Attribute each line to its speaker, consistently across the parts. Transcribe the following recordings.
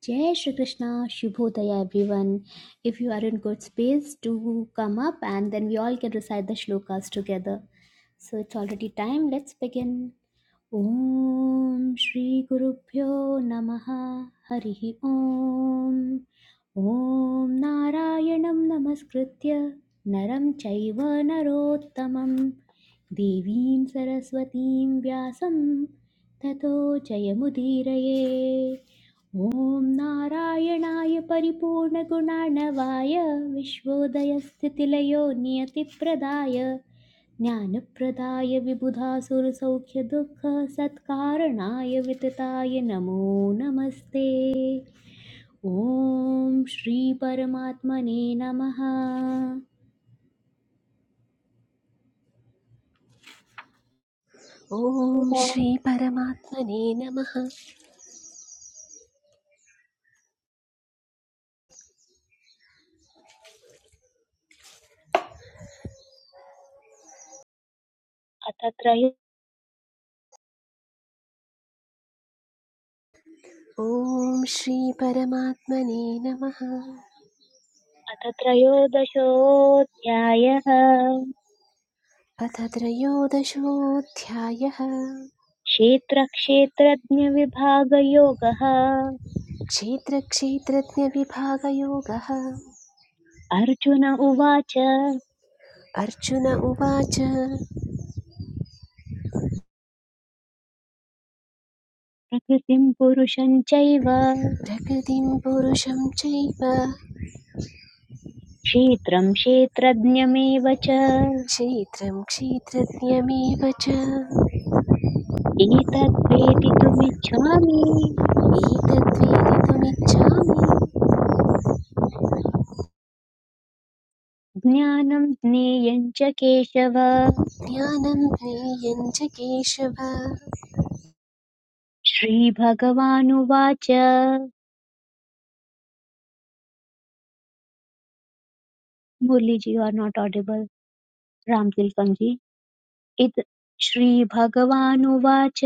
Speaker 1: Jai Shri Krishna, Shubhodaya everyone. If you are in good space, do come up and then we all can recite the shlokas together. So it's already time, let's begin. ॐ श्रीगुरुभ्यो नमः हरिः ॐ ॐ नारायणं नमस्कृत्य नरं चैव नरोत्तमं देवीं सरस्वतीं व्यासं ततो जयमुदीरये ॐ नारायणाय परिपूर्णगुणार्णवाय विश्वोदयस्थितिलयो नियतिप्रदाय ज्ञानप्रदाय विबुधासुरसौख्यदुःखसत्कारणाय वितताय नमो नमस्ते ॐ श्रीपरमात्मने नमः
Speaker 2: ॐ श्री परमात्मने नमः
Speaker 1: अथ त्रयो
Speaker 2: ॐ श्री परमात्मने नमः
Speaker 1: अथ त्रयोदशोऽध्यायः
Speaker 2: अथ त्रयोदशोऽध्यायः
Speaker 1: क्षेत्रक्षेत्रज्ञविभागयोगः
Speaker 2: क्षेत्रक्षेत्रज्ञविभागयोगः
Speaker 1: अर्जुन उवाच
Speaker 2: अर्जुन उवाच
Speaker 1: प्रकृतिम् पुरुषम् चैव
Speaker 2: प्रकृतिं पुरुषं चैव
Speaker 1: क्षेत्रम् क्षेत्रज्ञमेव च
Speaker 2: क्षेत्रं क्षेत्रज्ञमेव च
Speaker 1: एतद् वेदितुमिच्छामि
Speaker 2: एतद्वेदितुमिच्छामि
Speaker 1: ज्ञानं ज्ञेयं च केशव
Speaker 2: ज्ञानं ज्ञेयं च केशव
Speaker 1: श्रीभगवानुवाच Muraliji you are not audible Ramatilakam ji it श्रीभगवानुवाच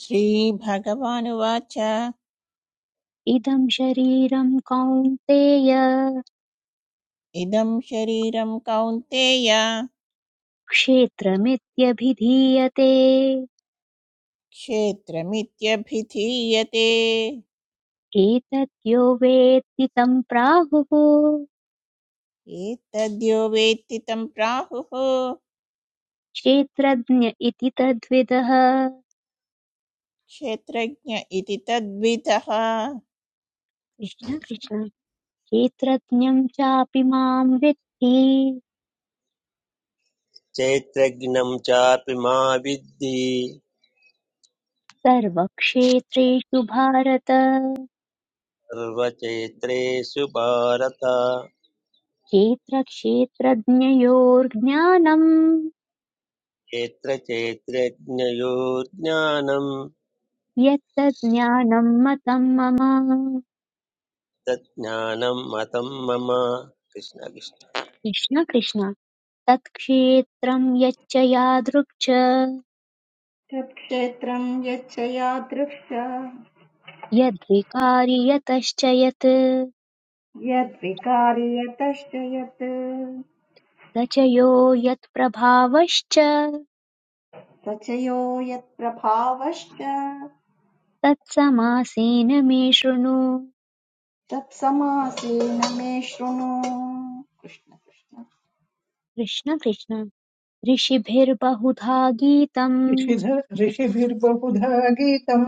Speaker 3: श्रीभगवानुवाच
Speaker 1: इदं शरीरं कौन्तेय
Speaker 3: इदं शरीरं कौन्तेय
Speaker 1: क्षेत्रमित्यभिधीयते
Speaker 3: क्षेत्रमित्यभिधीयते
Speaker 1: एतद्यो वेत्ति तं प्राहुः
Speaker 3: एतद्यो वेत्ति तं प्राहुः
Speaker 1: क्षेत्रज्ञ इति तद्विदः
Speaker 3: क्षेत्रज्ञ इति तद्विदः
Speaker 1: कृष्ण कृष्ण क्षेत्रज्ञं चापि मां विद्धि
Speaker 4: चैत्रघ्नं चापि मा विद्धि
Speaker 1: सर्वक्षेत्रेषु भारत
Speaker 4: सर्वचैत्रेषु भारत
Speaker 1: क्षेत्रक्षेत्रज्ञयोर्ज्ञानम्
Speaker 4: यत्र चैत्रज्ञयो
Speaker 1: यत्तज्ज्ञानं मतं मम
Speaker 4: तज्ज्ञानं मतं मम कृष्णकृष्ण
Speaker 1: कृष्ण कृष्ण तत्क्षेत्रं यच्च यादृक् च
Speaker 5: तत्क्षेत्रं यच्च यादृश
Speaker 1: यद्विकारि यतश्च यत्
Speaker 5: यद्विकारि यतश्च यत्
Speaker 1: स च यो यत्प्रभावश्च
Speaker 5: रचयो यत्प्रभावश्च
Speaker 1: तत्समासेन मे शृणु
Speaker 5: तत्समासेन मे शृणु कृष्ण कृष्ण
Speaker 1: कृष्ण कृष्ण ऋषिभिर्बहुधा गीतम्
Speaker 6: ऋषिध- ऋषिभिर्बहुधा गीतम्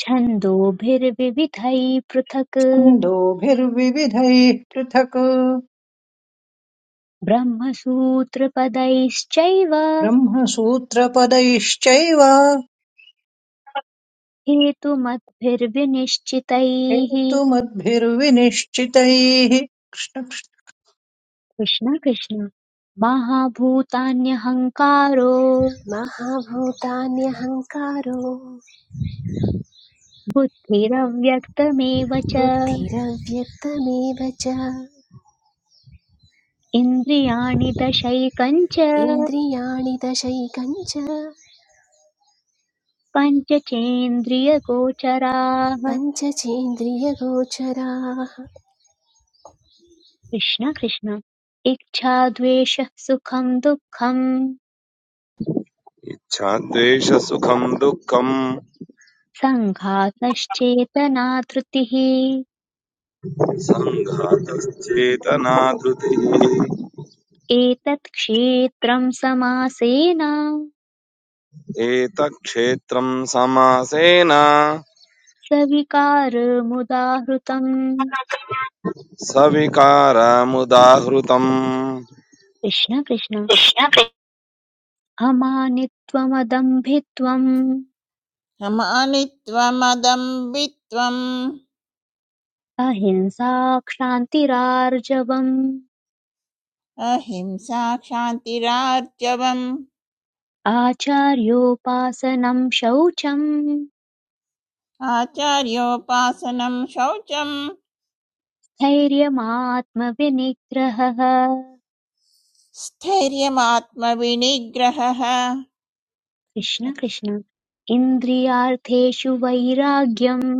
Speaker 1: छन्दोभिर्विविधैः पृथक्
Speaker 6: छन्दोभिर्विविधैः पृथक्
Speaker 1: ब्रह्मसूत्रपदैश्चैव
Speaker 6: ब्रह्मसूत्रपदैश्चैव
Speaker 1: हेतुमद्भिर्विनिश्चितैः
Speaker 6: हेतुमद्भिर्विनिश्चितैः कृष्णमयि
Speaker 1: कृष्ण कृष्ण महाभूतान्यहङ्कारो
Speaker 2: महाभूतान्यहङ्कारो
Speaker 1: बुद्धिरव्यक्तमेव च
Speaker 2: बुद्धिरव्यक्तमेव च
Speaker 1: इन्द्रियाणि दशैकञ्च
Speaker 2: इन्द्रियाणि दशैकञ्च
Speaker 1: पञ्चचेन्द्रियगोचराः
Speaker 2: पञ्चचेन्द्रियगोचराः
Speaker 1: कृष्ण कृष्ण इच्छाद्वेषः सुखं दुःखं
Speaker 7: इच्छाद्वेषसुखं दुःखं
Speaker 1: सङ्घातश्चेतना धृतिः
Speaker 7: सङ्घातश्चेतनाधृतिः
Speaker 1: एतत् क्षेत्रं समासेन
Speaker 7: एतत्क्षेत्रं समासेन
Speaker 1: सविकारमुदाहृतम्
Speaker 7: सविकारमुदाहृतम्
Speaker 1: कृष्ण कृष्ण अमानित्वमदम्भित्वम्
Speaker 3: समानित्वमदम्बित्वम्
Speaker 1: अहिंसा क्षान्तिरार्जवम्
Speaker 3: अहिंसा क्षान्तिरार्जवम्
Speaker 1: आचार्योपासनं शौचम्
Speaker 3: आचार्योपासनं शौचं
Speaker 1: धैर्यमात्मविनिग्रहः
Speaker 3: स्थैर्यमात्मविनिग्रहः कृष्ण
Speaker 1: कृष्ण
Speaker 3: कृष्ण।
Speaker 1: कृष्ण इन्द्रियार्थेषु वैराग्यम्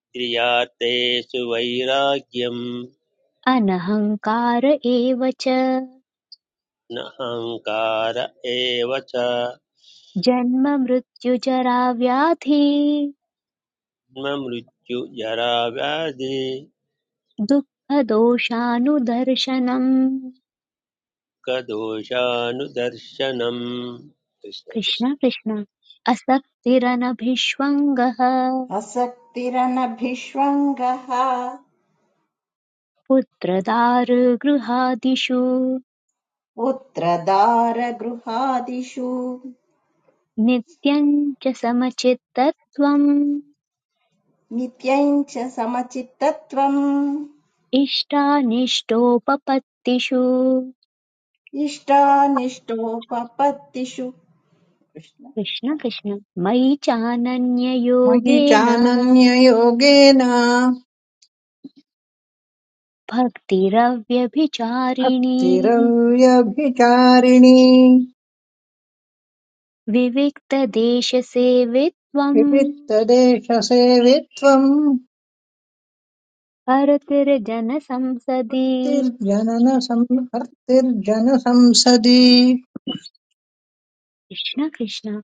Speaker 4: क्रियातेषु वैराग्यं
Speaker 1: अनहङ्कार एव च
Speaker 4: न अहङ्कार एव च
Speaker 1: जन्ममृत्युजराव्याधि
Speaker 4: जन्म मृत्युजराव्याधि
Speaker 1: दुःखदोषानुदर्शनम्
Speaker 4: कदोषानुदर्शनम् कृष्णकृष्ण
Speaker 1: कृष्ण कृष्ण असक्तिरनभिष्वङ्गः
Speaker 5: असक्तिरनभिष्वङ्गः
Speaker 1: पुत्रदारुगृहादिषु
Speaker 5: पुत्रदारगृहादिषु
Speaker 1: नित्यम् च समचित्तत्वम्
Speaker 5: नित्यम् च समचित्तत्वम्
Speaker 1: इष्टानिष्टोपपत्तिषु
Speaker 5: इष्टानिष्टोपपत्तिषु कृष्ण
Speaker 1: कृष्ण
Speaker 5: कृष्ण
Speaker 1: कृष्ण मयि चानन्ययोगेन
Speaker 6: चानन्ययोगेन
Speaker 1: भक्तिरव्यभिचारिणी
Speaker 6: भक्तिरव्यभिचारिणी
Speaker 1: विविक्तदेशसेवित्वम्
Speaker 6: विविक्तदेशसेवित्वम्
Speaker 1: हरतिर्जनसंसदि
Speaker 6: तिर्जनसंसदि
Speaker 1: कृष्ण कृष्ण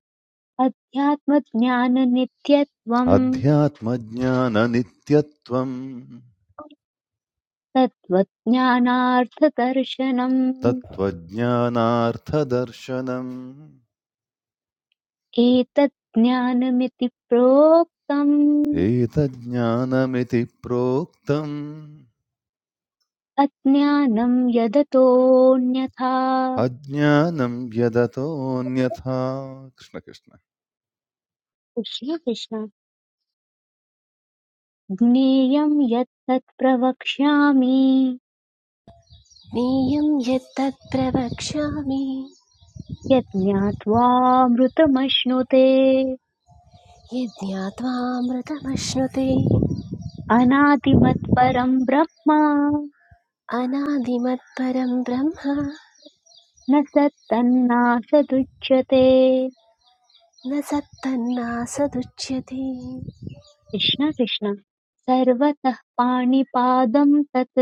Speaker 1: अध्यात्मज्ञाननित्यत्वम्
Speaker 8: अध्यात्मज्ञाननित्यत्वम्
Speaker 1: तत्त्वज्ञानार्थदर्शनम्
Speaker 8: तत्त्वज्ञानार्थदर्शनम्
Speaker 1: एतत् ज्ञानमिति प्रोक्तम्
Speaker 8: एतज्ज्ञानमिति प्रोक्तम्
Speaker 1: अज्ञानं यदतोऽन्यथा
Speaker 8: अज्ञानं यदतोऽन्यथा कृष्ण कृष्ण
Speaker 1: कृष्ण कृष्ण ज्ञेयं यत् तत् प्रवक्ष्यामि
Speaker 2: नेयं यत्तत् प्रवक्ष्यामि
Speaker 1: यत् ज्ञात्वामृतमश्नुते
Speaker 2: यज्ञात्वामृतमश्नुते
Speaker 1: अनादिमत्परं ब्रह्म
Speaker 2: अनादिमत्परं ब्रह्म
Speaker 1: न सत्तन्नासदुच्यते
Speaker 2: न सत्तन्नासदुच्यते
Speaker 1: कृष्ण कृष्ण सर्वतः पाणिपादं तत्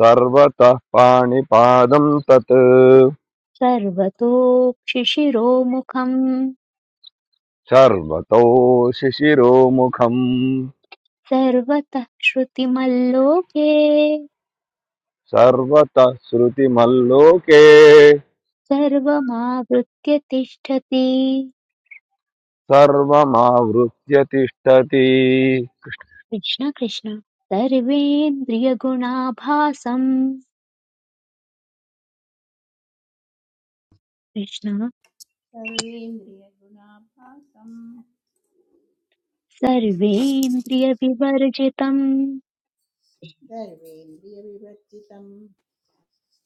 Speaker 7: सर्वतः पाणिपादं तत्
Speaker 1: सर्वतोक्षिशिरोमुखम्
Speaker 7: सर्वतो शिशिरोमुखम्
Speaker 1: सर्वतः श्रुतिमल्लोके
Speaker 7: सर्वतः श्रुतिमल्लोके
Speaker 1: सर्वमावृत्य तिष्ठति
Speaker 7: सर्वमावृत्य तिष्ठति
Speaker 1: कृष्ण कृष्ण सर्वेन्द्रियगुणाभासम् कृष्ण
Speaker 3: सर्वेन्द्रियगुणाभासं
Speaker 1: सर्वेन्द्रियविवर्जितम्
Speaker 3: सर्वेन्द्रियविवर्जितम्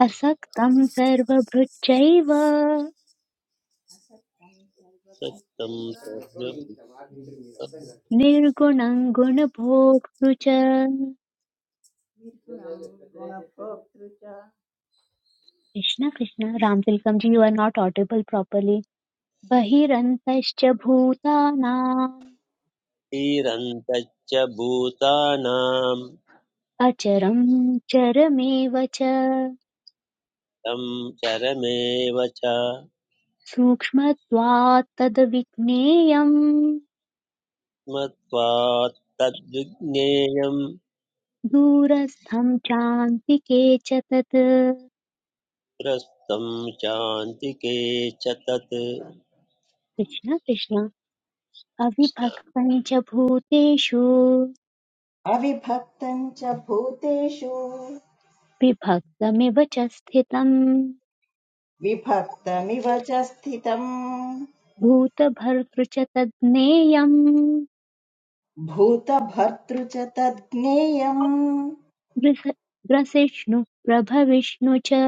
Speaker 1: असक्तं सर्वभृच्चैव
Speaker 3: असक्तं
Speaker 4: सत्यं सर्वभूत
Speaker 3: सर्वभूतैव
Speaker 1: निर्गुणं गुणभोक्तृ च Krishna Krishna Ramatilakam ji you are not audible properly बहिरन्तश्च भूतानाम्
Speaker 4: तिरन्तच्च भूतानां
Speaker 1: अचरं चरमेव च
Speaker 4: तं चरमेव च
Speaker 1: सूक्ष्मत्वात् तद्विज्ञेयम्
Speaker 4: मत्वात् तद्विज्ञेयं
Speaker 1: दूरस्थं चान्तिके च तत्
Speaker 4: प्रस्तं चान्तिके च तत्
Speaker 1: कृष्ण कृष्ण अविभक्तं च भूतेषु
Speaker 5: अविभक्तं च भूतेषु
Speaker 1: विभक्तमिव च स्थितम्
Speaker 5: विभक्तमिव च स्थितम्
Speaker 1: भूतभर्तृ च तज्ज्ञेयम्
Speaker 5: भूतभर्तृ च तद्ज्ञेयम्
Speaker 1: ग्रस- ग्रसिष्णु प्रभविष्णु च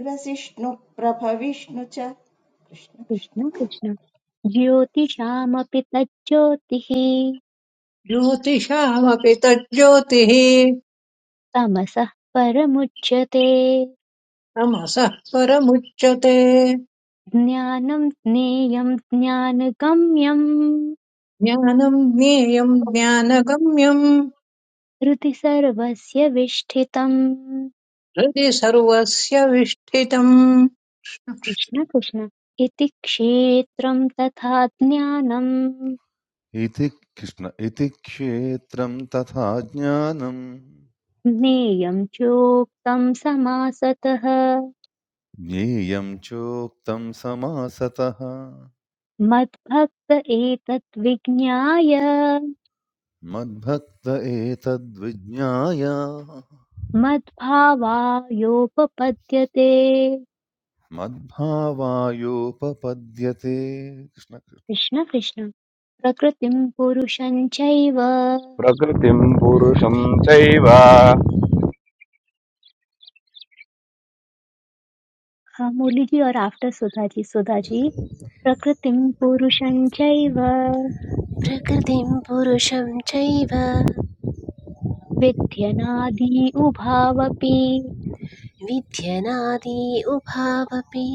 Speaker 5: ग्रसिष्णुप्रभविष्णु च कृष्ण कृष्ण
Speaker 1: कृष्ण कृष्ण ज्योतिषामपि तज्ज्योतिः
Speaker 6: ज्योतिषामपि तज्ज्योतिः
Speaker 1: तमसः परमुच्यते
Speaker 6: तमसः परमुच्यते
Speaker 1: ज्ञानं ज्ञेयं ज्ञानगम्यम्
Speaker 6: ज्ञानम् ज्ञेयम् ज्ञानगम्यं
Speaker 1: हृदि सर्वस्य विष्ठितम्
Speaker 6: हृदि सर्वस्य विष्ठितम्
Speaker 1: कृष्ण कृष्ण इति क्षेत्रं तथा ज्ञानं
Speaker 8: इति कृष्ण इति क्षेत्रं तथा ज्ञानम्
Speaker 1: ज्ञेयं चोक्तं समासतः
Speaker 8: ज्ञेयं चोक्तं समासतः
Speaker 1: मद्भक्त एतत् विज्ञाय
Speaker 8: मद्भक्त एतद्विज्ञाय
Speaker 1: मद्भावायोपपद्यते
Speaker 8: मद्भावायोपपद्यते कृष्ण कृष्ण।
Speaker 1: कृष्ण कृष्ण प्रकृतिं पुरुषं चैव
Speaker 7: प्रकृतिं पुरुषं चैव
Speaker 1: हाँ, मुरली जी और आफ्टर सुधा जी सुधा जी प्रकृतिं पुरुषं चैव
Speaker 2: प्रकृतिं पुरुषं चैव
Speaker 1: विध्यनादि उभावपि
Speaker 2: विध्यनादि उभावपि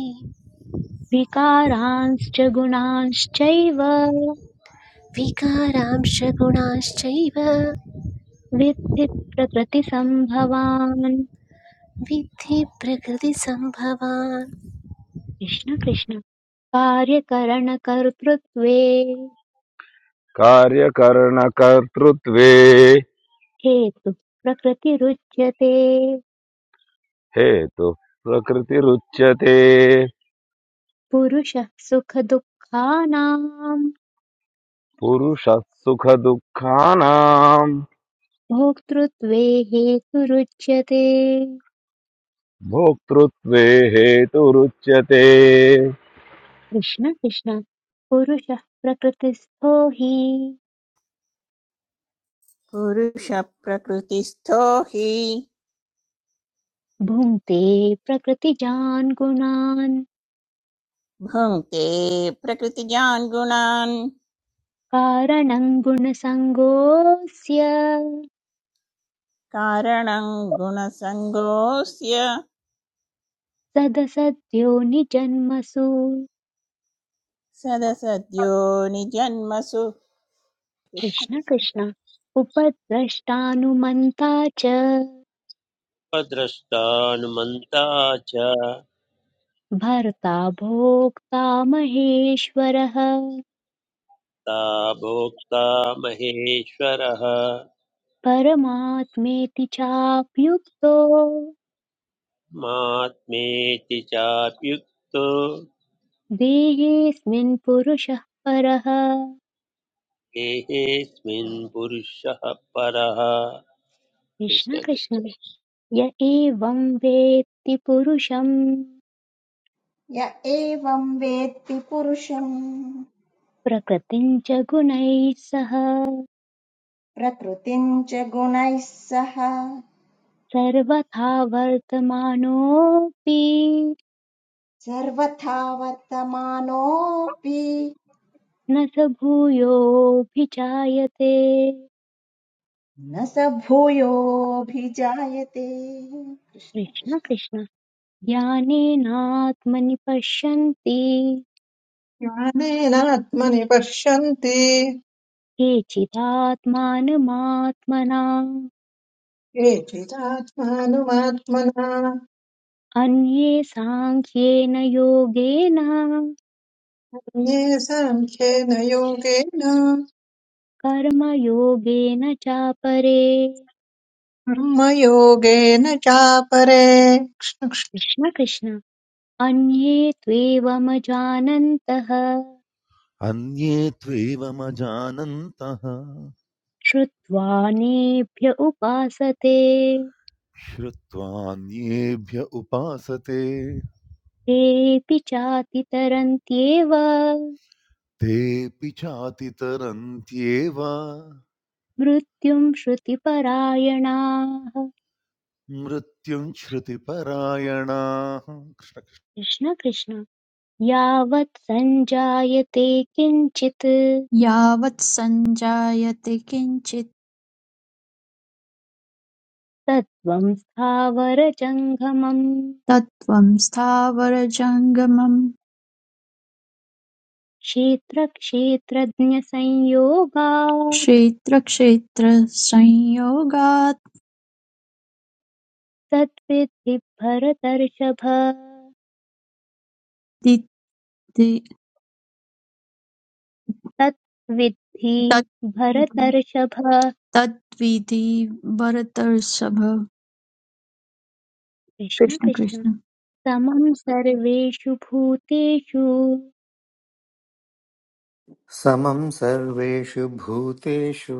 Speaker 1: विकारांश्च गुणांश्चैव
Speaker 2: विकारांश गुणांश्चैव
Speaker 1: विद्धि प्रकृतिसम्भवान्
Speaker 2: विद्धि प्रकृतिसम्भवान्
Speaker 1: कृष्ण कृष्ण कार्यकरणकर्तृत्वे
Speaker 7: कार्यकरणकर्तृत्वे
Speaker 1: हेतु प्रकृतिरुच्यते
Speaker 7: हेतु प्रकृतिरुच्यते
Speaker 1: पुरुषः सुखदुःखानां
Speaker 7: पुरुषः सुखदुःखानाम्
Speaker 1: भोक्तृत्वे हेतुरुच्यते
Speaker 7: भोक्तृत्वे हेतुरुच्यते
Speaker 1: कृष्ण कृष्ण पुरुषः प्रकृतिस्थो हि
Speaker 3: पुरुषप्रकृतिस्थो हि
Speaker 1: भुङ्क्ते प्रकृतिजान् गुणान्
Speaker 3: भुङ्क्ते प्रकृतिजान् गुणान्
Speaker 1: कारणं गुणसङ्गोऽस्य
Speaker 3: कारणं गुणसङ्गोऽस्य
Speaker 1: सदसद्यो निजन्मसु
Speaker 3: सदसद्यो निजन्मसु कृष्ण
Speaker 1: कृष्ण
Speaker 3: कृष्ण
Speaker 1: कृष्ण उपद्रष्टानुमन्ता च
Speaker 4: स्वद्रष्टानुमन्ता च
Speaker 1: भर्ता भोक्ता महेश्वरः
Speaker 4: ता भोक्ता महेश्वरः
Speaker 1: परमात्मेति चाप्युक्तो
Speaker 4: मात्मेति चाप्युक्तो
Speaker 1: देहेऽस्मिन् पुरुषः परः कृष्ण
Speaker 4: देहेऽस्मिन् पुरुषः परः कृष्ण कृष्ण
Speaker 1: कृष्ण य एवं वेत्ति पुरुषम्
Speaker 5: य एवं वेत्ति पुरुषम्
Speaker 1: प्रकृतिम् च गुणैः सह
Speaker 5: प्रकृतिं च गुणैः सह
Speaker 1: सर्वथा वर्तमानोऽपि
Speaker 5: सर्वथा वर्तमानोऽपि
Speaker 1: न स भूयोऽभिजायते
Speaker 5: न स भूयोऽभिजायते कृष्ण
Speaker 1: कृष्ण
Speaker 5: कृष्ण
Speaker 1: कृष्ण ज्ञानेनात्मनि पश्यन्ति
Speaker 6: ज्ञानेनात्मनि पश्यन्ति
Speaker 1: केचिदात्मानमात्मना
Speaker 6: ये चिदात्मानुमात्मना
Speaker 1: अन्ये साङ्ख्येन योगेन
Speaker 6: अन्ये साङ्ख्येन योगेन
Speaker 1: कर्मयोगेन चापरे
Speaker 6: कर्मयोगेन चापरे
Speaker 1: कृष्ण कृष्ण अन्ये त्वेवमजानन्तः
Speaker 8: अन्ये त्वेवमजानन्तः
Speaker 1: श्रुत्वा नेभ्य उपासते
Speaker 8: श्रुत्वान्येभ्य उपासते
Speaker 1: तेऽपि चातितरन्त्येव
Speaker 8: तेऽपि चातितरन्त्येव
Speaker 1: मृत्युम् श्रुतिपरायणाः
Speaker 8: मृत्युं श्रुतिपरायणाः
Speaker 1: कृष्ण कृष्ण यावत् सञ्जायते किञ्चित्
Speaker 9: यावत् सञ्जायते किञ्चित्
Speaker 1: तत्त्वं स्थावरजङ्गमम्
Speaker 9: तत्त्वं स्थावरजङ्गमं
Speaker 1: क्षेत्रक्षेत्रज्ञसंयोगात्
Speaker 9: क्षेत्रक्षेत्रसंयोगादिति
Speaker 1: तद्विद्धि भरतर्षभ तत्विद्धि
Speaker 9: तद्विधि
Speaker 1: भरतर्षभ
Speaker 9: तद्विधि भरतर्षभ
Speaker 1: कृष्ण
Speaker 9: कृष्ण
Speaker 1: कृष्ण
Speaker 9: कृष्ण
Speaker 1: समं सर्वेषु भूतेषु
Speaker 10: समं सर्वेषु भूतेषु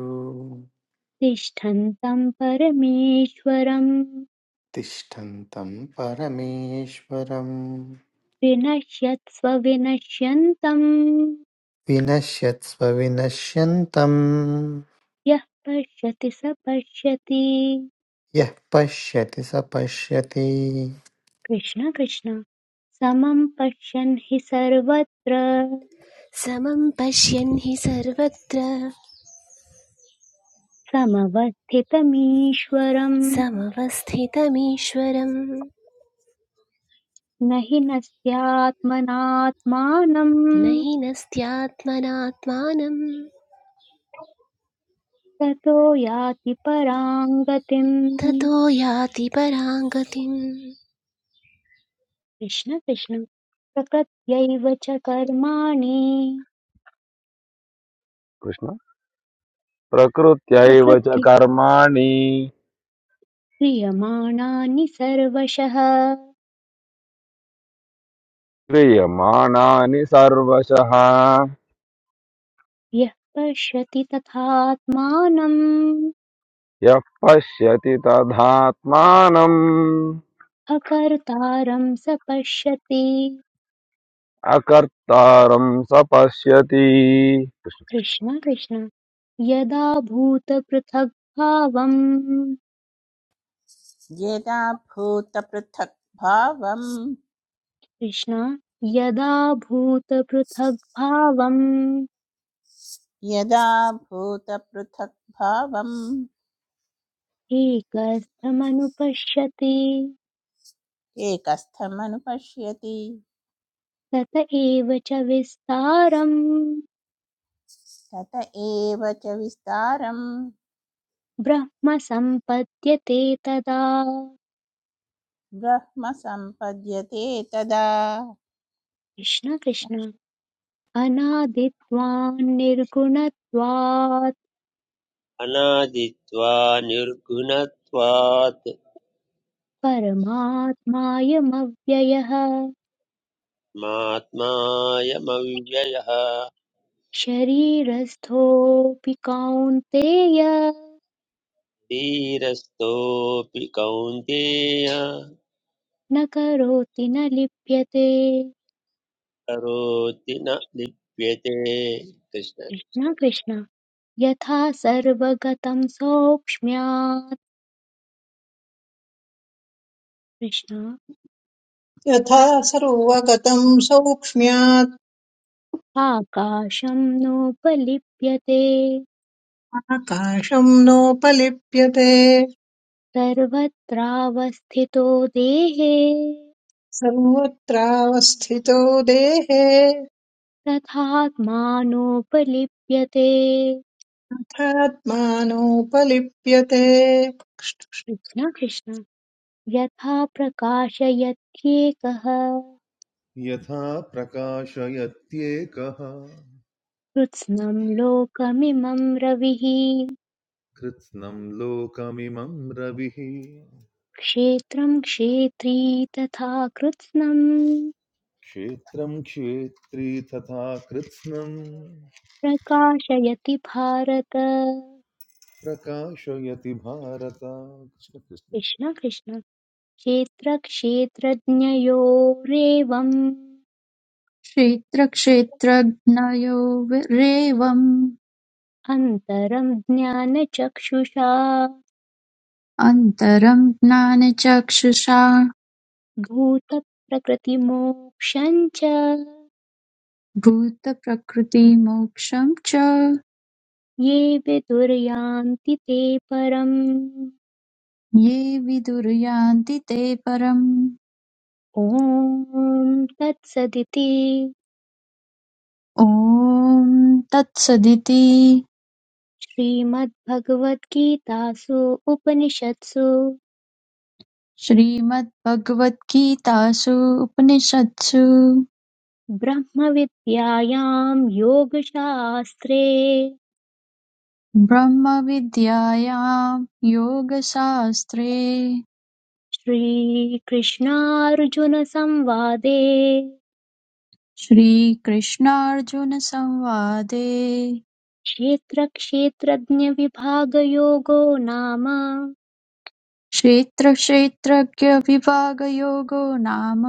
Speaker 1: तिष्ठन्तं परमेश्वरं
Speaker 10: तिष्ठन्तं परमेश्वरम्
Speaker 1: विनश्यत्स्व विनश्यन्तं
Speaker 10: विनश्यत्स्वविनश्यन्तम्
Speaker 1: यः पश्यति स पश्यति
Speaker 10: यः पश्यति स पश्यति
Speaker 1: कृष्ण कृष्ण समं पश्यन् हि सर्वत्र
Speaker 2: समं पश्यन् हि सर्वत्र
Speaker 1: समवस्थितमीश्वरम्
Speaker 2: समवस्थितमीश्वरम्
Speaker 1: न हि नस्यात्मनात्मानम्
Speaker 2: न हि नस्त्यात्मनात्मानं
Speaker 1: ततो याति पराङ्गतिम्
Speaker 2: ततो याति पराङ्गतिम्
Speaker 1: कृष्ण कृष्ण प्रकृत्यैव च कर्माणि
Speaker 7: कृष्ण प्रकृत्यैव च
Speaker 1: प्रकृति
Speaker 7: कर्माणि
Speaker 1: क्रियमाणानि सर्वशः
Speaker 7: क्रियमाणानि सर्वशः
Speaker 1: यः पश्यति तथात्मानम्
Speaker 7: यः पश्यति तदात्मानम्
Speaker 1: अकर्तारं स पश्यति
Speaker 7: अकर्तारम् स पश्यति
Speaker 1: कृष्ण कृष्ण यदा भूतपृथग्भावम्
Speaker 3: येदा भूतपृथक् भावम्
Speaker 1: कृष्ण यदा भूतपृथग्भावम्
Speaker 3: यदा भूतपृथक्भावम्
Speaker 1: एकस्थमनुपश्यति
Speaker 3: एकस्थमनुपश्यति
Speaker 1: तत एव च विस्तारम्
Speaker 3: तत एव च विस्तारं
Speaker 1: ब्रह्म सम्पद्यते तदा
Speaker 3: ब्रह्म सम्पद्यते तदा
Speaker 1: कृष्ण कृष्ण अनादित्वान् निर्गुणत्वात्
Speaker 4: अनादित्वा निर्गुणत्वात्
Speaker 1: परमात्मायमव्ययः
Speaker 4: मात्मायमव्ययः
Speaker 1: शरीरस्थोऽपि कौन्तेय
Speaker 4: धीरस्थोऽपि कौन्तेय
Speaker 1: न करोति न लिप्यते
Speaker 4: करोति न लिप्यते कृष्ण कृष्ण।
Speaker 1: न कृष्ण यथा सर्वगतं सौक्ष्म्यात् कृष्ण
Speaker 6: यथा सर्वगतम् सौक्ष्म्यात्
Speaker 1: आकाशं नोपलिप्यते
Speaker 6: आकाशम् नोपलिप्यते
Speaker 1: सर्वत्रावस्थितो देहे
Speaker 6: सर्वत्रावस्थितो देहे
Speaker 1: तथात्मानोपलिप्यते
Speaker 6: अथात्मानोपलिप्यते
Speaker 1: कृष्ण कृष्ण यथा प्रकाशयत्येकः
Speaker 8: यथा प्रकाशयत्येकः
Speaker 1: कृत्स्नं लोकमिमं रविः
Speaker 8: कृत्स्नं लोकमिमं रविः
Speaker 1: क्षेत्रं क्षेत्री तथा कृत्स्नं
Speaker 8: क्षेत्रं क्षेत्री तथा कृत्स्नम्
Speaker 1: प्रकाशयति भारत
Speaker 8: प्रकाशयति भारत कृष्ण कृष्ण
Speaker 1: कृष्ण कृष्ण क्षेत्रक्षेत्रज्ञयोरेवम्
Speaker 9: क्षेत्रक्षेत्रज्ञयोरेवम्
Speaker 1: अन्तरं ज्ञानचक्षुषा
Speaker 9: अन्तरं ज्ञानचक्षुषा
Speaker 1: भूतप्रकृतिमोक्षं च
Speaker 9: भूतप्रकृतिमोक्षं च
Speaker 1: ये विदुर्यान्ति ते परम्
Speaker 9: ये विदुर्यान्ति ते परम्
Speaker 1: ॐ तत्सदिति
Speaker 9: ॐ तत्सदिति
Speaker 1: श्रीमद्भगवद्गीतासु उपनिषत्सु
Speaker 9: श्रीमद्भगवद्गीतासु उपनिषत्सु
Speaker 1: ब्रह्मविद्यायां योगशास्त्रे
Speaker 9: ब्रह्मविद्यायां योगशास्त्रे
Speaker 1: श्रीकृष्णार्जुनसंवादे
Speaker 9: श्रीकृष्णार्जुनसंवादे
Speaker 1: क्षेत्रक्षेत्रज्ञविभागयोगो नाम
Speaker 9: क्षेत्रक्षेत्रज्ञविभागयोगो नाम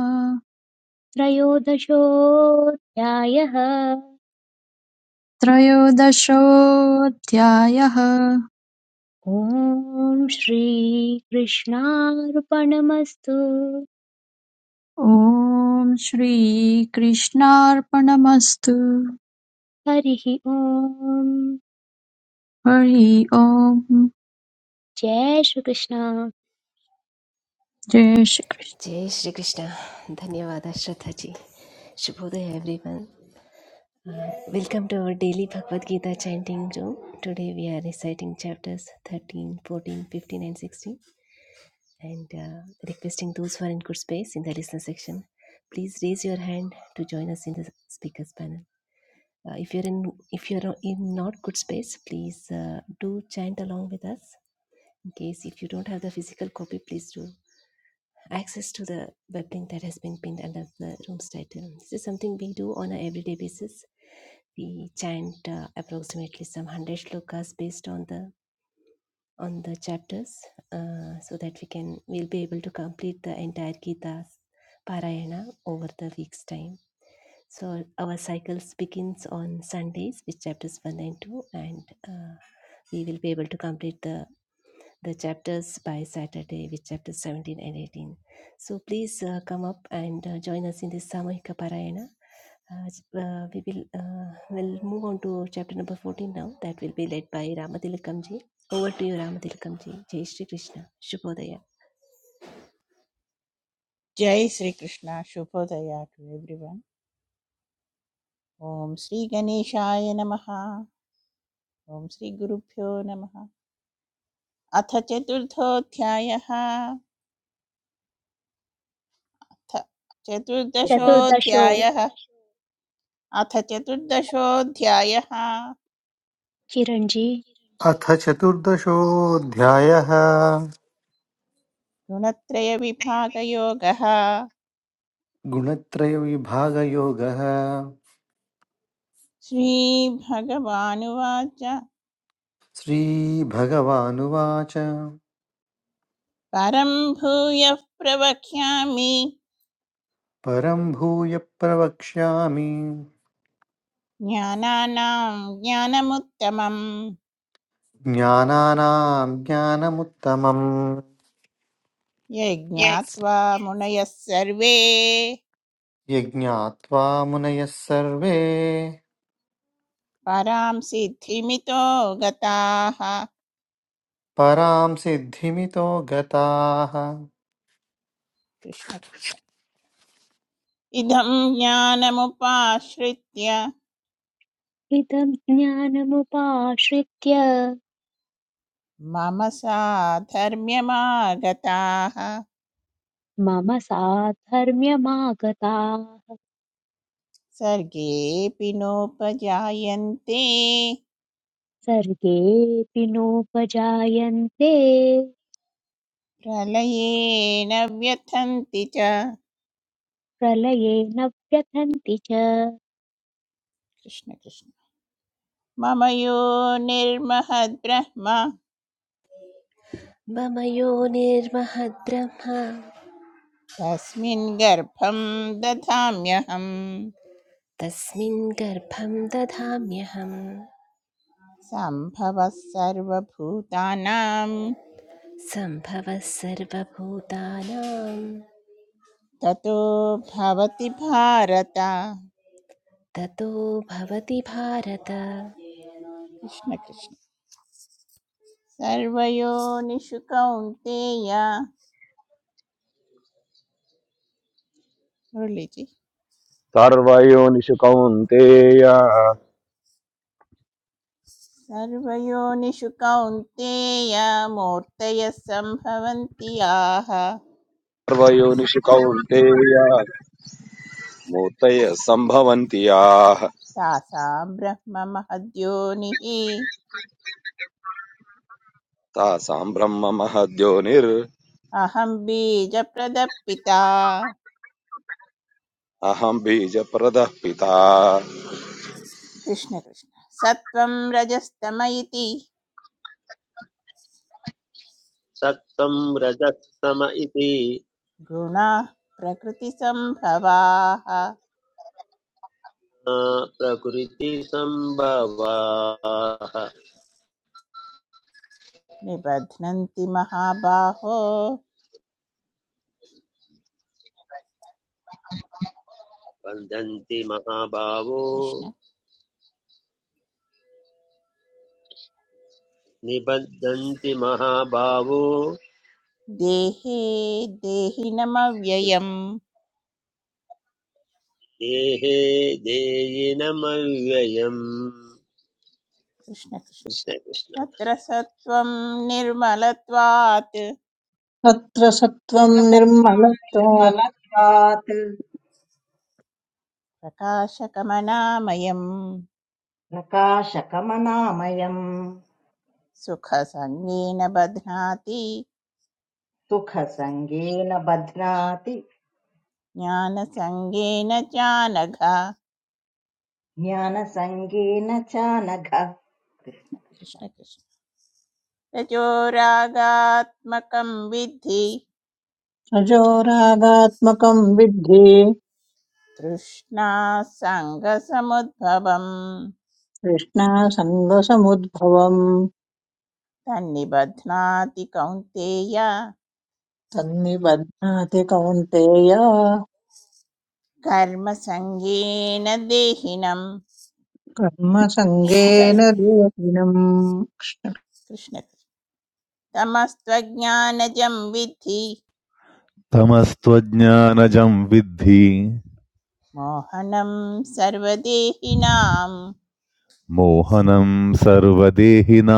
Speaker 1: त्रयोदशोऽध्यायः
Speaker 9: त्रयोदशोऽध्यायः
Speaker 1: ॐ श्रीकृष्णार्पणमस्तु
Speaker 9: ॐ श्रीकृष्णार्पणमस्तु
Speaker 1: हरिः ॐ
Speaker 9: हरि ओम्
Speaker 1: जय श्रीकृष्ण
Speaker 9: जय श्री कृष्ण
Speaker 2: जय श्रीकृष्ण धन्यवाद श्रद्धाजी Shubhodaya everyone. Uh, welcome to our daily Bhagavad Gita chanting room. Today we are reciting chapters 13, 14, 15 and 16. and uh, requesting those who are in good space in the listener section please raise your hand to join us in the speakers panel uh, if you're in if you're not- in not good space please uh, do chant along with us in case if you don't have the physical copy please do access to the web link that has been pinned under the room's title this is something we do on a everyday basis we chant uh, approximately some 100 shlokas based on the on the chapters uh, so that we can we'll be able to complete the entire Gita's Parayana over the week's time. So our cycles begins on Sundays with chapters one and two, and uh, we will be able to complete the the chapters by Saturday with chapter 17 and 18. So please uh, come up and uh, join us in this Samohika Parayana. Uh, ch- uh, we will uh, will move on to chapter number 14 now. That will be led by Ramathilakamji. Over to you, Ramathilakamji. Jai Shri Krishna. Shubhodaya.
Speaker 3: जय श्रीकृष्ण शुभोदय to everyone ॐ श्रीगणेशाय नमः ॐ श्रीगुरुभ्यो नमः अथ चतुर्थोऽध्यायः अथ
Speaker 5: चतुर्दश
Speaker 1: चतुर्दशो
Speaker 3: चतुर्दशोऽध्यायः अथ चतुर्दशोऽध्यायः
Speaker 1: चिरञ्जी
Speaker 10: अथ चतुर्दशोऽध्यायः
Speaker 3: गुणत्रयविभागयोगः
Speaker 10: गुणत्रयविभागयोगः
Speaker 3: श्रीभगवानुवाच
Speaker 10: श्रीभगवानुवाच
Speaker 3: परं भूयः प्रवक्ष्यामि
Speaker 10: परं भूय प्रवक्ष्यामि
Speaker 3: ज्ञानानां ज्ञानमुत्तमं
Speaker 10: ज्ञानानां ज्ञानमुत्तमम्
Speaker 3: यज्ञात्वा मुनयः सर्वे
Speaker 10: यज्ञात्वा मुनयः सर्वे
Speaker 3: परां सिद्धिमितो गताः
Speaker 10: परां सिद्धिमितो गताः
Speaker 3: कृष्ण कृष्ण इदं ज्ञानमुपाश्रित्य
Speaker 1: हितं ज्ञानमुपाश्रित्य
Speaker 3: मम साधर्म्यमागताः
Speaker 1: मम साधर्म्यमागताः
Speaker 3: सर्गेऽपि नोपजायन्ते
Speaker 1: सर्गेऽपि नोपजायन्ते
Speaker 3: प्रलये न व्यथन्ति च
Speaker 1: प्रलये न व्यथन्ति च
Speaker 3: कृष्ण कृष्ण मम यो निर्महद्ब्रह्म
Speaker 2: मम यो निर्महद्ब्रह्म
Speaker 3: तस्मिन् गर्भं दधाम्यहम्
Speaker 2: तस्मिन् गर्भं दधाम्यहं
Speaker 3: सम्भवः सर्वभूतानां
Speaker 2: सम्भवः सर्वभूतानां
Speaker 3: ततो भवति भारत कृष्ण
Speaker 2: ततो भवति भारत
Speaker 3: कृष्ण सर्वयोनिषु कौन्तेय मुरलीजी
Speaker 7: सर्वयोनिषु कौन्तेय
Speaker 3: सर्वयोनिषु कौन्तेय मूर्तयः सम्भवन्ति याः
Speaker 7: सर्वयोनिषु कौन्तेय मूर्तय सम्भवन्ति याः
Speaker 3: तासां ब्रह्ममहद्योनिः
Speaker 7: तासाम् ब्रह्म महद्योनिर्
Speaker 3: अहं बीजप्रदपिता
Speaker 7: अहम् बीजप्रदः पिता
Speaker 3: कृष्णकृष्ण सत्त्वं रजस्तम इति
Speaker 4: सत्त्वं रजस्तम इति
Speaker 3: गुणाः प्रकृतिसम्भवाः
Speaker 4: मा प्रकृतिसम्भवाः
Speaker 3: निबध्नन्ति महाबाहो
Speaker 4: बन्धन्ति महाभावो
Speaker 3: कृष्ण
Speaker 4: निबद्धन्ति महाभावो
Speaker 3: देहे देहिनमव्ययम्
Speaker 4: देहे देयिनमव्ययम्
Speaker 3: कृष्णकृष्ण
Speaker 4: कृष्णकृष्ण
Speaker 3: तत्र सत्त्वं निर्मलत्वात्
Speaker 6: तत्र सत्त्वम्
Speaker 5: प्रसक्तम्
Speaker 6: निर्मलत्वात्
Speaker 5: निर्मलत्वात्
Speaker 3: प्रकाशकमनामयम्
Speaker 5: प्रकाशकमनामयम्
Speaker 3: सुखसङ्गेन बध्नाति
Speaker 5: सुखसङ्गेन बध्नाति
Speaker 3: ज्ञानसङ्गेन चानघा
Speaker 5: ज्ञानसङ्गेन च नघ
Speaker 3: कृष्णकृष्ण रजोरागात्मकं विद्धि
Speaker 6: रजोरागात्मकम् विद्धि
Speaker 3: तृष्णासङ्गसमुद्भवम्
Speaker 6: तृष्णासङ्गसमुद्भवम्
Speaker 3: तन्निबध्नाति कौन्तेय
Speaker 6: तन्निबध्नाति कौन्तेय
Speaker 3: कर्मसङ्गेन देहिनम्
Speaker 6: कर्मसङ्गेन योगिनम्
Speaker 3: कृष्ण तमस्त्वज्ञानजं विद्धि
Speaker 8: तमस्त्वज्ञानजं विद्धि
Speaker 3: मोहनं सर्वदेहिनां
Speaker 8: मोहनं सर्वदेहिनां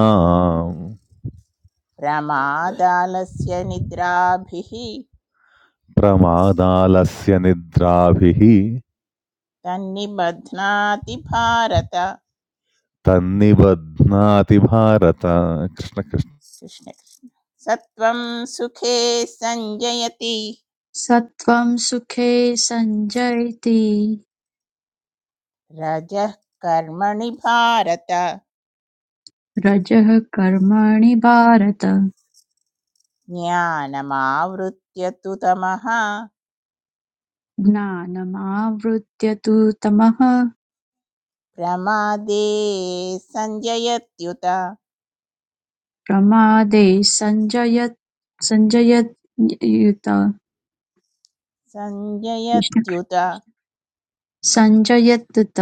Speaker 3: प्रमादालस्य निद्राभिः
Speaker 8: प्रमादालस्य निद्राभिः
Speaker 3: तन्निबध्नाति भारत
Speaker 8: तन्निबध्नाति भारत कृष्ण कृष्ण
Speaker 3: कृष्णकृष्ण सत्वं सुखे सञ्जयति
Speaker 9: सत्त्वं सुखे सञ्जयति
Speaker 3: रजः कर्मणि भारत
Speaker 9: रजः कर्माणि भारत
Speaker 3: ज्ञानमावृत्य तु तमः
Speaker 9: ज्ञानमावृत्य तु तमः
Speaker 3: प्रमादे सञ्जयत्युत
Speaker 9: प्रमादे सञ्जयत् सञ्जयत्युत कृष्ण
Speaker 3: सञ्जयत्युत
Speaker 9: सञ्जयत्युत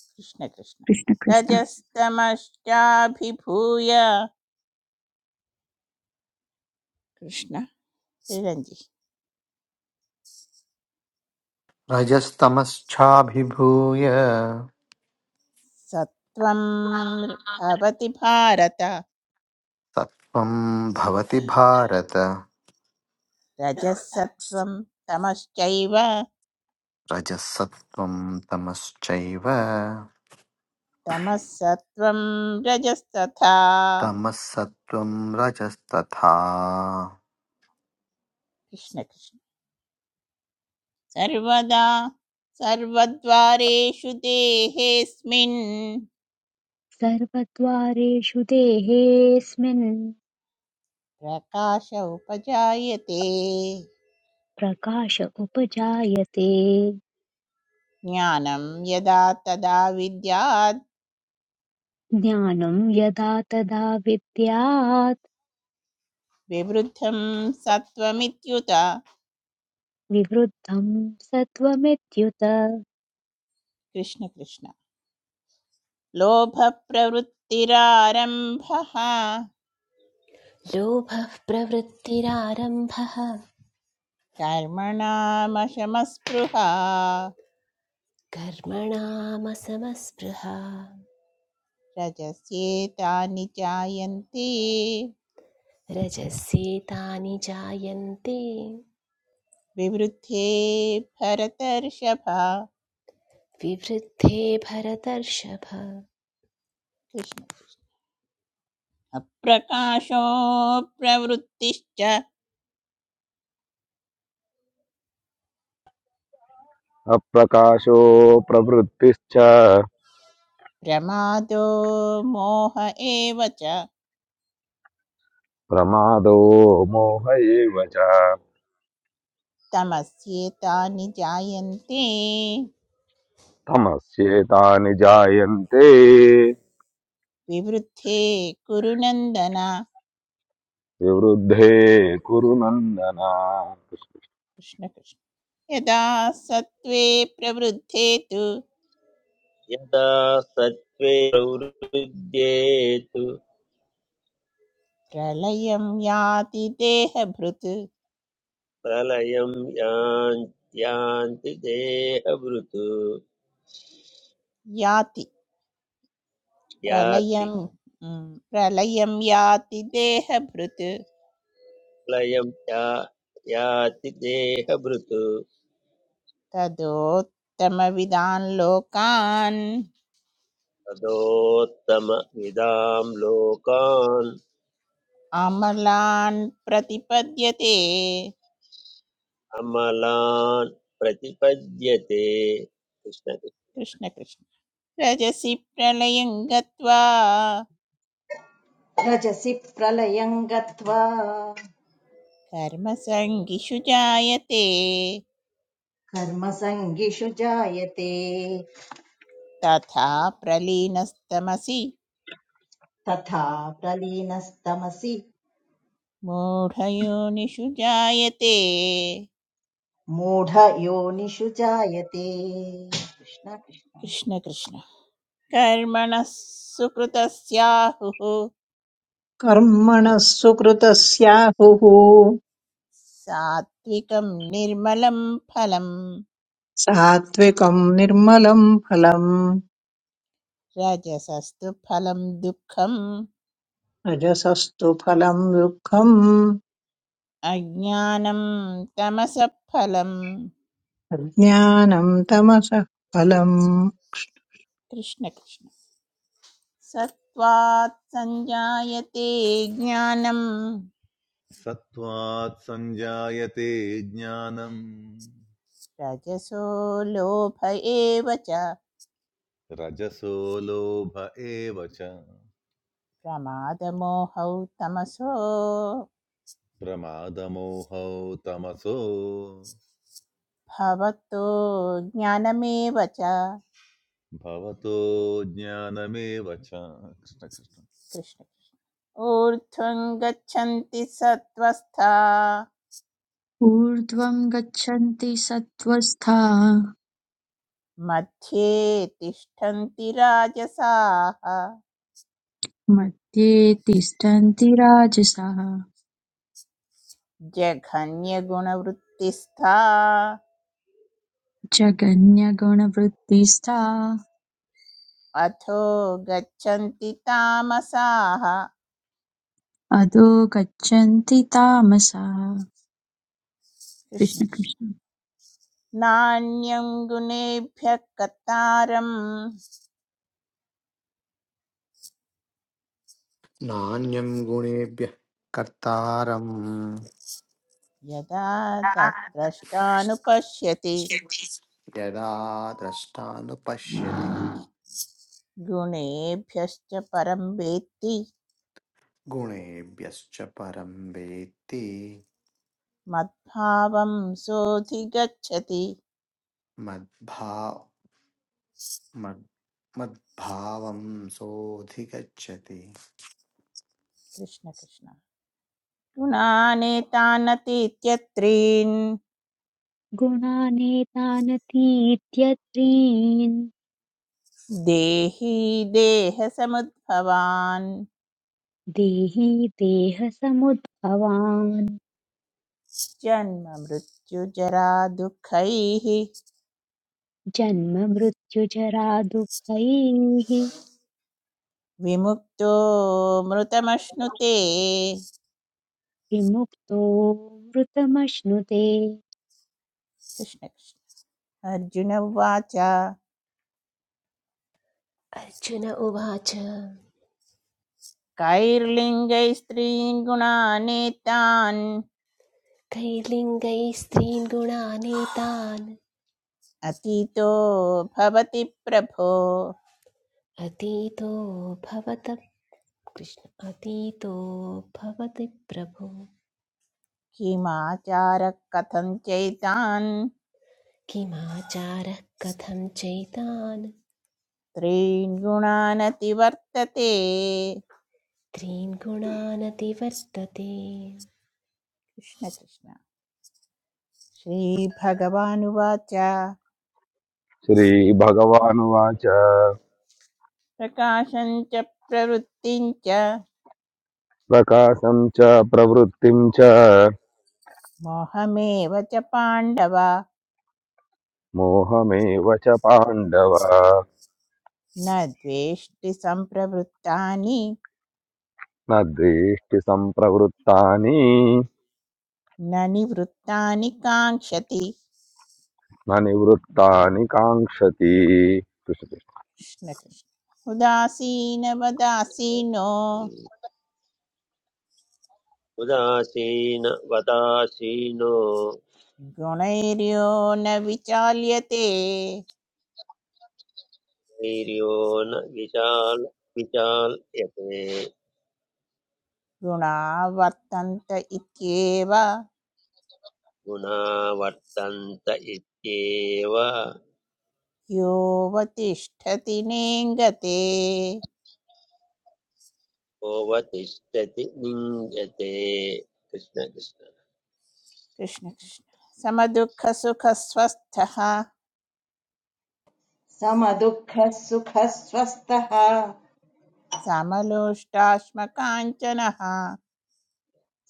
Speaker 3: कृष्णकृष्ण
Speaker 9: कृष्ण कृष्ण
Speaker 3: रजस्तमश्चाभिभूय कृष्ण रञ्जि
Speaker 10: रजस्तमश्चाभिभूय
Speaker 3: सत्वं भवति भारत
Speaker 10: सत्त्वं भवति भारत
Speaker 3: रजः सत्वं तमश्चैव
Speaker 10: रजसत्त्वं तमश्चैव
Speaker 3: तमःसत्त्वं रजस्तथा
Speaker 10: तमःसत्त्वं रजस्तथा
Speaker 3: कृष्णकृष्ण सर्वदा सर्वद्वारेषु देहेऽस्मिन्
Speaker 1: सर्वद्वारेषु देहेऽस्मिन्
Speaker 3: प्रकाश उपजायते
Speaker 1: प्रकाश उपजायते
Speaker 3: ज्ञानं यदा तदा विद्यात्
Speaker 1: ज्ञानं यदा तदा विद्यात्
Speaker 3: विवृद्धं सत्त्वमित्युत
Speaker 1: विवृद्धं सत्त्वमित्युत
Speaker 3: कृष्णकृष्ण लोभप्रवृत्तिरारम्भः
Speaker 2: लोभः प्रवृत्तिरारम्भः
Speaker 3: कर्मणामशमस्पृहा
Speaker 2: कर्मणामसमस्पृहा
Speaker 3: रजस्येतानि जायन्ते
Speaker 2: रजस्येतानि जायन्ते
Speaker 3: विवृद्धे भरतर्षभा
Speaker 2: विवृद्धे भरतर्षभ
Speaker 3: कृष्ण कृष्ण अप्रकाशो प्रवृत्तिश्च
Speaker 7: अप्रकाशो प्रवृत्तिश्च
Speaker 3: प्रमादो मोह एव च
Speaker 7: प्रमादो मोह एव च
Speaker 3: तमस्येतानि जायन्ते
Speaker 7: तमस्येतानि जायन्ते
Speaker 3: विवृद्धे कुरु नन्दन
Speaker 7: विवृद्धे कुरु नन्दन
Speaker 3: कृष्ण कृष्ण यदा सत्त्वे प्रवृद्धे तु
Speaker 4: यदा सत्त्वे प्रवृद्ध्येतु
Speaker 3: प्रलयं याति देहभृत्
Speaker 4: प्रलयं यान्- यान्ति देहभृत्
Speaker 3: याति
Speaker 4: याति
Speaker 3: प्रलयं उम्, प्रलयं याति देहभृत्
Speaker 4: प्रलयं या याति देहभृत्
Speaker 3: तदोत्तमविदान् लोकान्
Speaker 4: तदोत्तमविदां लोकान्
Speaker 3: अमलान् प्रतिपद्यते
Speaker 4: अमलान् प्रतिपद्यते कृष्णकृष्ण
Speaker 3: कृष्णकृष्ण रजसि प्रलयं गत्वा
Speaker 5: रजसि प्रलयम् गत्वा
Speaker 3: कर्मसङ्गिषु जायते
Speaker 5: कर्मसङ्गिषु जायते
Speaker 3: तथा प्रलीनस्तमसि
Speaker 5: तथा प्रलीनस्तमसि
Speaker 3: मूढयोनिषु जायते
Speaker 5: मूढयोनिषु जायते कृष्ण कृष्ण
Speaker 3: कृष्णकृष्ण कर्मणः सुकृतस्याहुः
Speaker 6: कर्मणः सुकृतस्याहुः
Speaker 3: सात्विकं निर्मलं फलम्
Speaker 6: सात्विकम् निर्मलं फलम्
Speaker 3: रजसस्तु फलं दुःखम्
Speaker 6: रजसस्तु फलम् दुःखम्
Speaker 3: अज्ञानं तमसः फलम्
Speaker 6: अज्ञानम् तमसः फलम्
Speaker 3: कृष्णकृष्ण सत्त्वात् सञ्जायते ज्ञानं
Speaker 8: सत्त्वात् सञ्जायते ज्ञानम्
Speaker 3: रजसो लोभ एव च
Speaker 8: रजसो लोभ एव च
Speaker 3: प्रमादमोहौ तमसो
Speaker 8: प्रमादमोहौ तमसो
Speaker 3: भवतो ज्ञानमेव च
Speaker 8: भवतो ज्ञानमेव च कृष्ण कृष्ण
Speaker 3: कृष्ण ऊर्ध्वं गच्छन्ति सत्त्वस्था
Speaker 9: ऊर्ध्वं गच्छन्ति सत्त्वस्था
Speaker 3: मध्ये तिष्ठन्ति राजसाः
Speaker 9: मध्ये तिष्ठन्ति राजसाः
Speaker 3: जघन्यगुणवृत्तिस्था
Speaker 9: जगन्यगुणवृत्तिस्था
Speaker 3: अथो गच्छन्ति तामसाः
Speaker 9: अधो गच्छन्ति तामसः
Speaker 3: कृष्ण
Speaker 9: कृष्ण
Speaker 3: कृष्ण
Speaker 9: कृष्ण
Speaker 3: नान्यं गुणेभ्यः कतारं
Speaker 10: नान्यं गुणेभ्यः कर्तारम्
Speaker 3: यदा द- द्रष्टानुपश्यति
Speaker 10: यदा द्रष्टानुपश्यति
Speaker 3: गुणेभ्यश्च परं वेत्ति
Speaker 10: गुणेभ्यश्च परं वेत्ति
Speaker 3: मद्भावं सोऽधिगच्छति
Speaker 10: मद्भावं सोऽधिगच्छति
Speaker 3: कृष्ण कृष्ण गुणानेतानतीत्यत्रीन्
Speaker 1: गुणानेतानतीत्यत्रीन्
Speaker 3: देही देहसमुद्भवान्
Speaker 1: देहि देहसमुद्भवान्
Speaker 3: जन्ममृत्युजरा दुःखैः
Speaker 1: जन्ममृत्युजरा दुःखैः
Speaker 3: विमुक्तो मृतमश्नुते
Speaker 1: विमुक्तो मृतमश्नुते
Speaker 3: कृष्ण कृष्ण अर्जुन उवाच
Speaker 2: अर्जुन उवाच
Speaker 3: कैर्लिङ्गैः स्त्रीन् गुणानेतान्
Speaker 2: कैर्लिङ्गैः स्त्रीन् गुणानेतान्
Speaker 3: अतीतो भवति प्रभो
Speaker 2: अतीतो भवत कृष्ण अतीतो भवति प्रभु
Speaker 3: किमाचार कथं चैतान्
Speaker 2: किमाचारः कथं चैतान्
Speaker 3: त्रीन् गुणानतिवर्तते
Speaker 2: त्रीन् गुणानतिवर्तते
Speaker 3: कृष्ण कृष्ण श्रीभगवानुवाच
Speaker 7: श्रीभगवानुवाच
Speaker 3: प्रकाशं च प्रवृत्तिं च
Speaker 7: प्रकाशं च प्रवृत्तिं च
Speaker 3: मोहमेव च पाण्डव
Speaker 7: मोहमेव च पाण्डव
Speaker 3: न द्वेष्टि सम्प्रवृत्तानि
Speaker 7: न द्वेष्टि सम्प्रवृत्तानि
Speaker 3: न निवृत्तानि काङ्क्षति
Speaker 7: न निवृत्तानि काङ्क्षति कृष्ण कृष्ण।
Speaker 3: कृष्णकृष्ण उदासीनवदासीनो
Speaker 4: उदासीन वदासीनो
Speaker 3: गुणैर्यो न विचाल्यते
Speaker 4: वीर्यो न विशाल विचाल्यते
Speaker 3: गुणा वर्तन्त इत्येव
Speaker 4: गुणा वर्तन्त इत्येव
Speaker 3: यो वतिष्ठति नेङ्गते
Speaker 4: तिष्ठति निञ्जते कृष्ण कृष्ण
Speaker 3: कृष्णकृष्ण समदुःखसुखस्वस्थः
Speaker 5: समदुःखः सुखस्वस्थः
Speaker 3: समलोष्टाश्मकाञ्चनः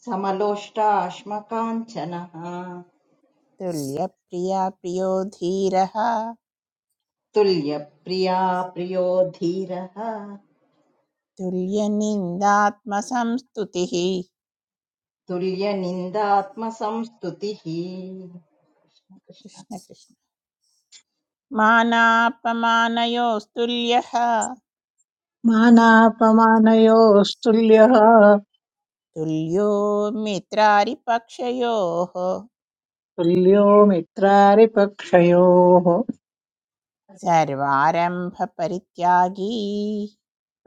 Speaker 5: समलोष्टाश्मकाञ्चनः
Speaker 3: तुल्यप्रिया प्रियो धीरः
Speaker 5: तुल्यप्रिया प्रियो धीरः
Speaker 3: तुल्यनिन्दात्मसंस्तुतिः
Speaker 5: तुल्यनिन्दात्मसंस्तुतिः
Speaker 3: कृष्ण कृष्ण मानापमानयोस्तुल्यः
Speaker 6: मानापमानयोस्तुल्यः
Speaker 3: तुल्यो मित्रारिपक्षयोः
Speaker 6: तुल्यो मित्रारिपक्षयोः
Speaker 3: सर्वारम्भपरित्यागी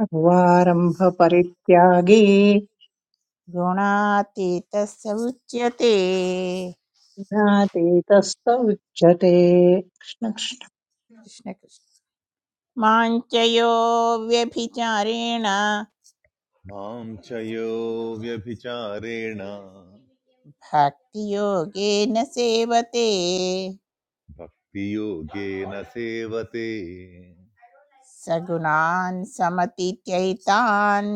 Speaker 6: सर्वारम्भपरित्यागी
Speaker 3: गुणातीतः स उच्यते
Speaker 6: ज्ञातीतस्त उच्यते
Speaker 3: कृष्ण कृष्ण माञ्चयो व्यभिचारेण
Speaker 8: मां च यो व्यभिचारेण
Speaker 3: भक्तियोगेन सेवते
Speaker 8: भक्तियोगेन सेवते
Speaker 3: सगुणान् समतीत्यैतान्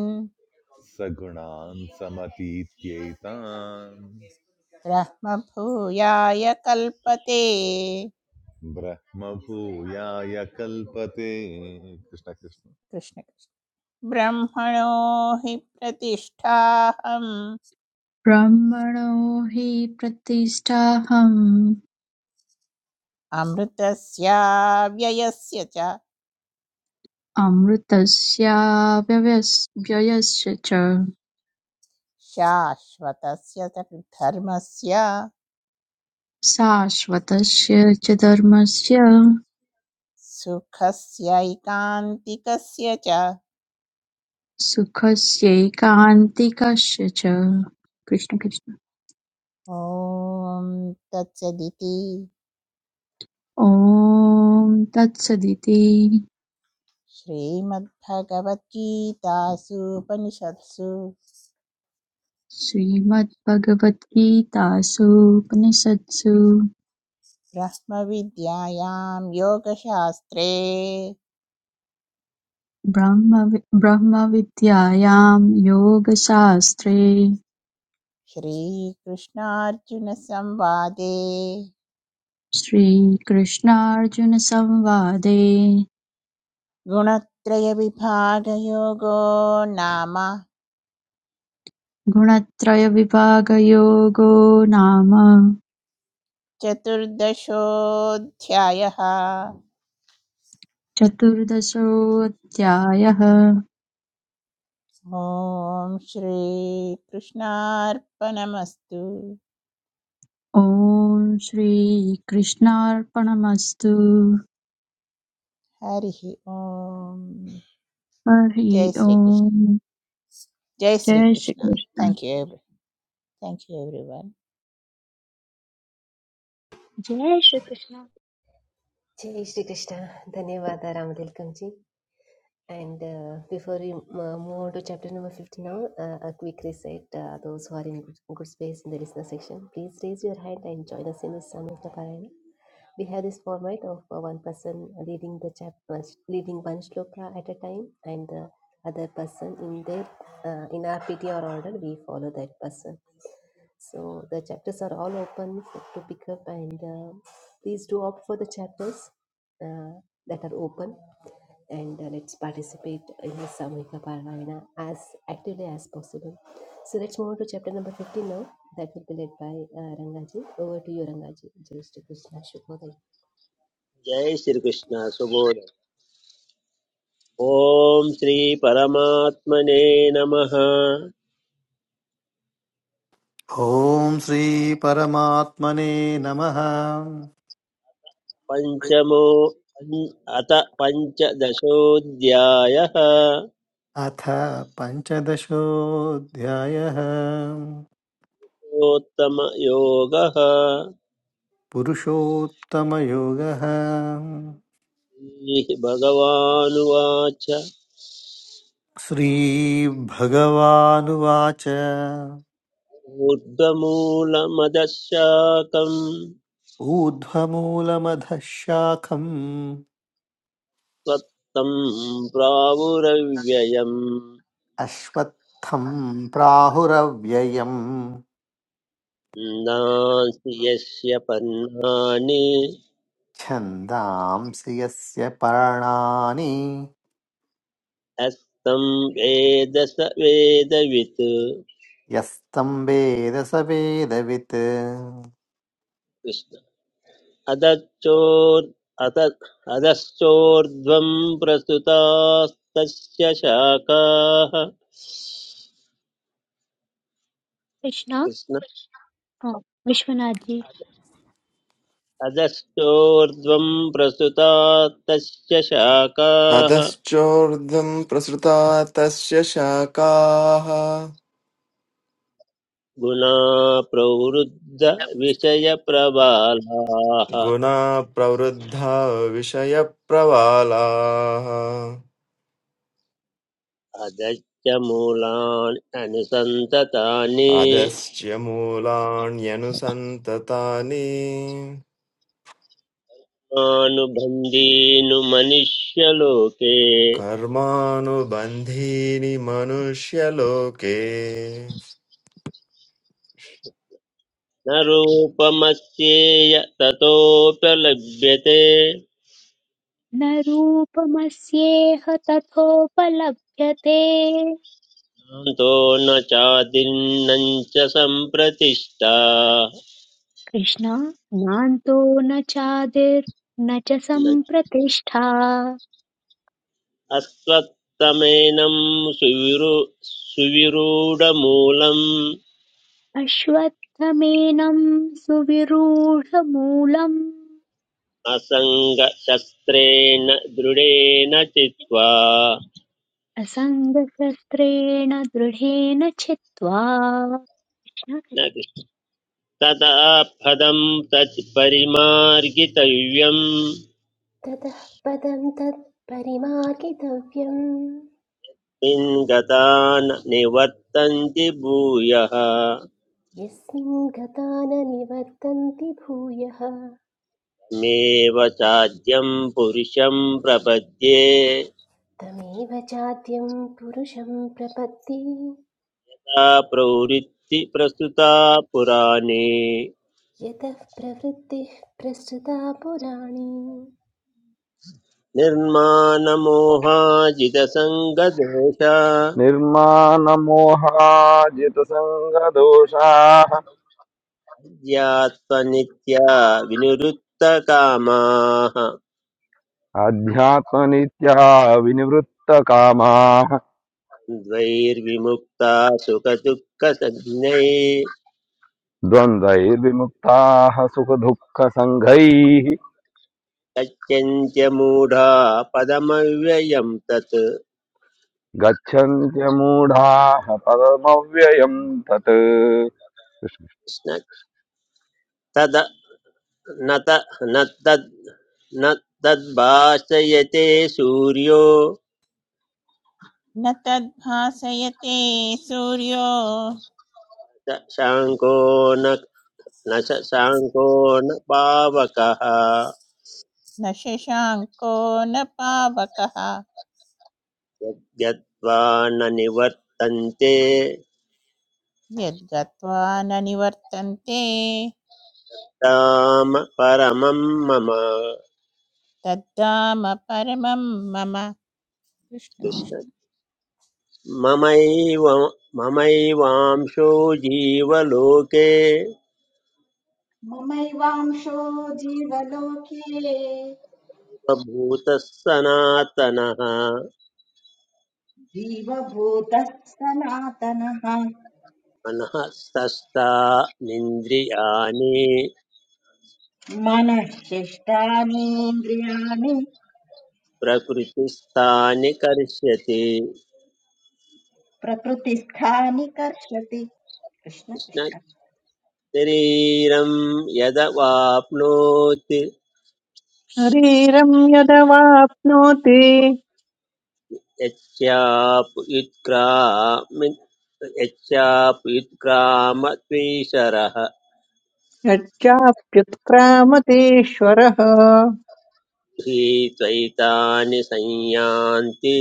Speaker 8: सगुणान् समतीत्यैतान्
Speaker 3: ब्रह्मभूयाय कल्पते
Speaker 8: ब्रह्मभूयाय कल्पते कृष्ण कृष्ण
Speaker 3: कृष्ण कृष्ण। ब्रह्मणो हि प्रतिष्ठाहम्
Speaker 9: ब्रह्मणो हि प्रतिष्ठाहम्
Speaker 3: अमृतस्य व्ययस्य च
Speaker 9: अमृतस्य व्यवस्- व्ययस्य च
Speaker 3: शाश्वतस्य च धर्मस्य
Speaker 9: शाश्वतस्य च धर्मस्य
Speaker 3: सुखस्यैकान्तिकस्य च
Speaker 9: सुखस्यैकान्तिकस्य च कृष्ण कृष्ण
Speaker 3: ॐ तत्सदिति
Speaker 9: ॐ तत्सदिति
Speaker 3: श्रीमद्भगवद्गीतासूपनिषत्सु
Speaker 9: श्रीमद्भगवद्गीतासु उपनिषत्सु
Speaker 3: ब्रह्मविद्यायां योगशास्त्रे
Speaker 9: ब्रह्मवि ब्रह्मविद्यायां योगशास्त्रे
Speaker 3: श्रीकृष्णार्जुनसंवादे
Speaker 9: श्रीकृष्णार्जुनसंवादे
Speaker 3: गुणत्रयविभागयोगो नाम
Speaker 9: गुणत्रयविभागयोगो नाम
Speaker 3: चतुर्दशोऽध्यायः
Speaker 9: चतुर्दशोऽध्यायः
Speaker 3: ॐ श्रीकृष्णार्पणमस्तु
Speaker 9: ॐ श्रीकृष्णार्पणमस्तु
Speaker 3: हरिः ॐ
Speaker 9: हरि
Speaker 3: जय श्रीकृष्ण
Speaker 9: ओम्
Speaker 3: जय
Speaker 9: जय
Speaker 3: Shri Krishna
Speaker 9: Shri Krishna
Speaker 3: thank you every thank you everyone
Speaker 1: जय Shri Krishna
Speaker 2: Jai Shri Krishna, Dhanyavada Rama Tilkamji. And uh, before we uh, move on to chapter number 50 now, uh, a quick reset. Uh, those who are in good, good space in the listener section, please raise your hand and join us in this Samhita Parayana. we have this format of uh, one person leading the chapter leading one shloka at a time and the other person in their uh, in our ptr order we follow that person so the chapters are all open for, to pick up and uh, please do opt for the chapters uh, that are open and uh, let's participate in the Samhika Parayana as actively as possible. So let's move on to chapter number 15 now. That will be led by uh, Rangaji. Over to you, Rangaji. Jai Shri Krishna Shubhodaya.
Speaker 4: जय श्रीकृष्ण सुबोध ॐ श्रीपरमात्मने नमः
Speaker 10: ॐ श्रीपरमात्मने नमः
Speaker 4: पञ्चमो अथ पञ्चदशोऽध्यायः
Speaker 10: अथ पञ्चदशोऽध्यायः
Speaker 4: उत्तमयोगः
Speaker 10: पुरुषोत्तमयोगः
Speaker 4: भगवानुवाच
Speaker 10: श्रीभगवानुवाच
Speaker 4: ऊर्ध्वमूलमदशाकम्
Speaker 10: ऊर्ध्वमूलमधः शाखम्
Speaker 4: त्वत्तं प्रावुरव्ययम्
Speaker 10: अश्वत्थं प्राहुरव्ययं।
Speaker 4: नास्ति यस्य पन्नानि
Speaker 10: छन्दांसि यस्य पर्णानि
Speaker 4: हस्तं वेद स वेदवित् कृष्ण
Speaker 10: यस्तं वेद स वेदवित्
Speaker 4: अदच्चोर् अत अधश्चोर्ध्वं प्रसुतास्तस्य शाखाः
Speaker 1: कृष्ण
Speaker 4: कृष्ण
Speaker 1: हाँ, विश्वनाथ जी
Speaker 4: अधश्चोर्ध्वं प्रसुतास्तस्य शाखाः
Speaker 11: अधश्चोर्ध्वम् प्रसृता तस्य शाखाः
Speaker 4: गुणा प्रवृद्ध विषयप्रबालाः
Speaker 11: गुणा प्रवृद्धा विषयप्रवालाः
Speaker 4: अधश्च मूलानि अनुसन्ततानि
Speaker 11: अधश्च मूलाण्यनुसन्ततानि
Speaker 4: मानुबन्धीनु मनुष्यलोके
Speaker 11: कर्मानुबन्धीनि मनुष्यलोके
Speaker 4: न रूपमस्येय ततोऽप्यलभ्यते
Speaker 1: न रूपमस्येह तथोपलभ्यते
Speaker 4: नान्तो न चादिन्नं च सम्प्रतिष्ठा
Speaker 1: कृष्णा नान्तो न चादिर् न च
Speaker 4: न
Speaker 1: सम्प्रतिष्ठा
Speaker 4: अस्त्वत्तमेनं सुविरु सुविरूढमूलम्
Speaker 1: अश्वत्थमेनं सुविरूढमूलम्
Speaker 4: असङ्गशस्त्रेण दृढेन चित्वा
Speaker 1: असङ्गशस्त्रेण दृढेन छित्त्वा
Speaker 4: न तदा पदं तत् परिमार्गितव्यं
Speaker 2: ततः पदं तत् परिमार्गितव्यं
Speaker 4: पिङ्गता न निवर्तन्ति भूयः
Speaker 2: यस्मिन् गता निवर्तन्ति भूयः
Speaker 4: मेव चाद्यं पुरुषं प्रपद्ये
Speaker 2: तमेव चाद्यं पुरुषं प्रपत्ति
Speaker 4: सा प्रवृत्ति प्रस्तुता पुराणे
Speaker 2: यतः प्रवृत्तिः प्रसृता पुराणी
Speaker 4: निर्माणमोहाजितसङ्गदोष
Speaker 7: निर्मानमोहाजितसङ्गदोषाः
Speaker 4: ज्ञात्वनित्या विनिरुक्तकामाः
Speaker 7: अध्यात्मनित्या विनिवृत्तकामाः
Speaker 4: द्वैर्विमुक्ता सुखदुःखसञ्ज्ञैः
Speaker 7: द्वन्द्वैर्विमुक्ताः सुखदुःखसङ्घैः
Speaker 4: गच्छन्त्य मूढा पदमव्ययं तत्
Speaker 7: गच्छन्त्यमूढाः पदमव्ययम् तत्
Speaker 4: कृष्ण- तद न त न तद् न तद्भाषयते सूर्यो
Speaker 3: न तद्भासयते सूर्यो
Speaker 4: स शाङ्को न न स शाङ्को न पावकः
Speaker 3: न शशाङ्को न पावकः
Speaker 4: यद्गत्वा न निवर्तन्ते
Speaker 3: यद्गत्वा न निवर्तन्ते
Speaker 4: ताम परमं मम
Speaker 3: तद्धाम परमं मम कृष्ण कृष्ण।
Speaker 4: कृष्ण ममैव ममैवांशो जीवलोके
Speaker 5: ममैवांशो जीवलोके
Speaker 4: भूतः सनातनः
Speaker 5: जीवभूतः सनातनः
Speaker 4: मनः निन्द्रियाणि
Speaker 5: मनःशिष्टानीन्द्रियाणि
Speaker 4: प्रकृतिस्थानि कर्ष्यति
Speaker 5: प्रकृतिस्थानि कर्षति कृष्ण
Speaker 4: कृष्ण
Speaker 5: कृष्ण
Speaker 4: शरीरं यदवाप्नोति
Speaker 6: शरीरम् यदवाप्नोति
Speaker 4: यच्चाप्युत्क्रामि यच्चाप्युत्क्रामत्वीशरः
Speaker 6: यच्चाप्युत्क्रामतीश्वरः
Speaker 4: त्वैतानि संयान्ति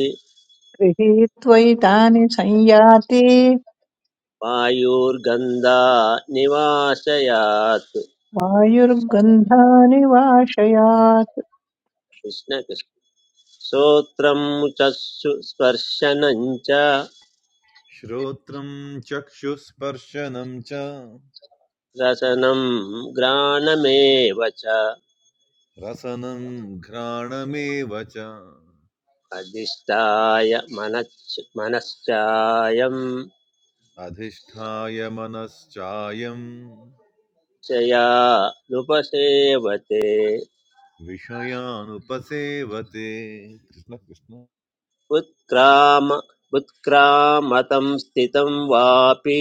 Speaker 6: गृहीत्वैतानि संयाति
Speaker 4: वायुर्गन्धा निवासयात्
Speaker 6: वायुर्गन्धानिवाशयात्
Speaker 4: कृष्णकृष्ण श्रोत्रं च सु- स्पर्शनं च
Speaker 8: श्रोत्रं चक्षुस्पर्शनं च
Speaker 4: रसनं ग्राणमेव च
Speaker 8: रसनं घ्राणमेव च
Speaker 4: अधिष्ठाय मनश्च मनश्चायं
Speaker 8: अधिष्ठाय मनश्चायं
Speaker 4: चया नुपसेवते
Speaker 8: विषयानुपसेवते कृष्ण कृष्ण
Speaker 4: उत्क्राम उत्क्रामतं स्थितं वापि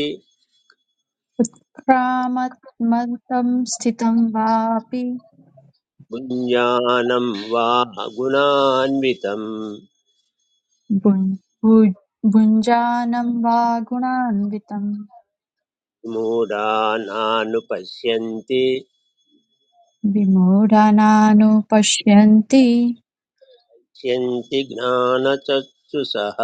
Speaker 9: उत्क्रामत्मन्तं स्थितं वापि
Speaker 4: पुण्यालं वा गुणान्वितं
Speaker 9: भुञ्- भुञ्जानं वा गुणान्वितं
Speaker 4: मूढानानुपश्यन्ति
Speaker 9: विमूढानानुपश्यन्ति
Speaker 4: पश्यन्ति ज्ञानचक्षुषः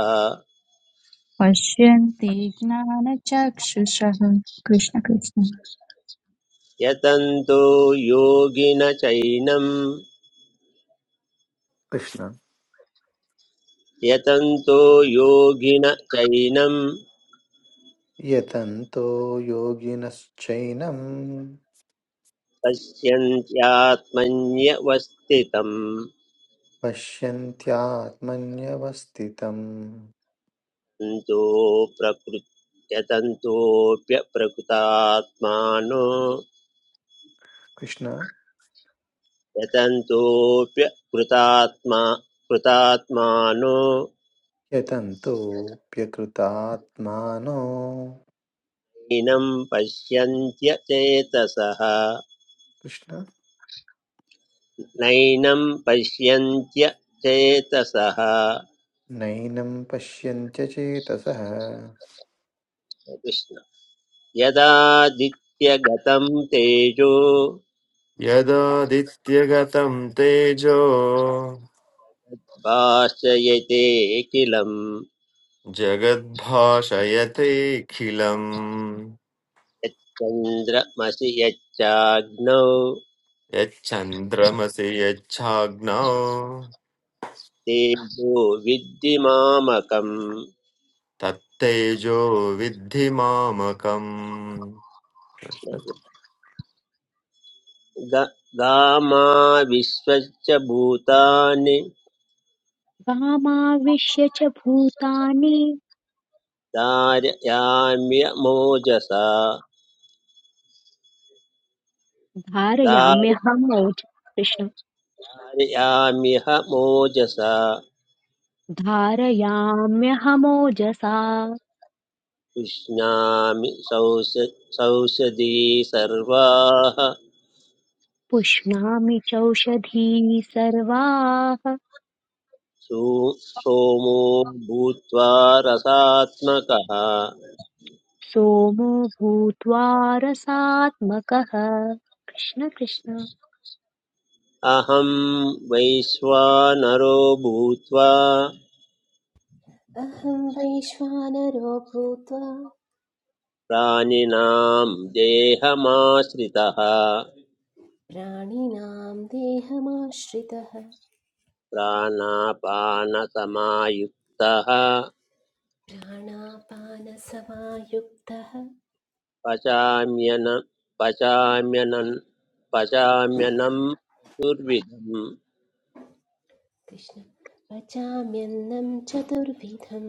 Speaker 9: पश्यन्ति पश्यन्ति ज्ञानचक्षुषः कृष्ण कृष्ण
Speaker 4: यतन्तो योगिन चैनं
Speaker 10: कृष्ण
Speaker 4: यतन्तो योगिन चैनं
Speaker 10: यतन्तो योगिनश्चैनं
Speaker 4: पश्यन्त्यात्मन्यवस्थितं
Speaker 10: पश्यन्त्यात्मन्यवस्थितम्
Speaker 4: तन्तो प्रकृ यतन्तोऽप्यप्रकृतात्मानो
Speaker 10: कृष्ण
Speaker 4: यतन्तोऽप्यकृतात्मा कृतात्मानो
Speaker 10: यतन्तोऽप्यकृतात्मानो
Speaker 4: नैनं पश्यन्त्य चेतसः
Speaker 10: कृष्ण
Speaker 4: नैनं पश्यन्त्य चेतसः
Speaker 10: नैनं पश्यन्त्यचेतसः
Speaker 4: कृष्ण यदादित्यगतं तेजो
Speaker 11: यदादित्यगतं तेजो
Speaker 4: भाषयते किलं
Speaker 11: जगद्भाषयतेऽखिलम्
Speaker 4: यच्चन्द्रमसि यच्चाग्नौ
Speaker 11: यच्चन्द्रमसि यच्छाग्नौ
Speaker 4: तेजो विद्धिमामकं
Speaker 11: तत्तेजो विद्धि मामकम्
Speaker 4: गामा विश्वस्य भूतानि
Speaker 1: वामाविश्य च भूतानि
Speaker 4: धारयाम्य मोजसा
Speaker 1: धारयाम्यहमोज कृष्ण
Speaker 4: धारयाम्यह मोजसा
Speaker 1: धारयाम्यहमोजसा
Speaker 4: उष्णामि सौष सौषधी सर्वाः
Speaker 1: पुष्णामि चौषधीः सर्वाः
Speaker 4: सो- सोमो भूत्वा रसात्मकः
Speaker 1: सोमो भूत्वा रसात्मकः कृष्ण कृष्ण
Speaker 4: अहं वैश्वानरो भूत्वा
Speaker 2: अहं वैश्वानरो भूत्वा
Speaker 4: प्राणिनां देहमाश्रितः
Speaker 2: प्राणिनां देहमाश्रितः
Speaker 4: प्राणापानसमायुक्तः
Speaker 2: प्राणापानसमायुक्तः
Speaker 4: पचाम्यन पचाम्यनं पचाम्यन्नं चतुर्विधं
Speaker 2: कृष्ण पचाम्यन्नं चतुर्विधं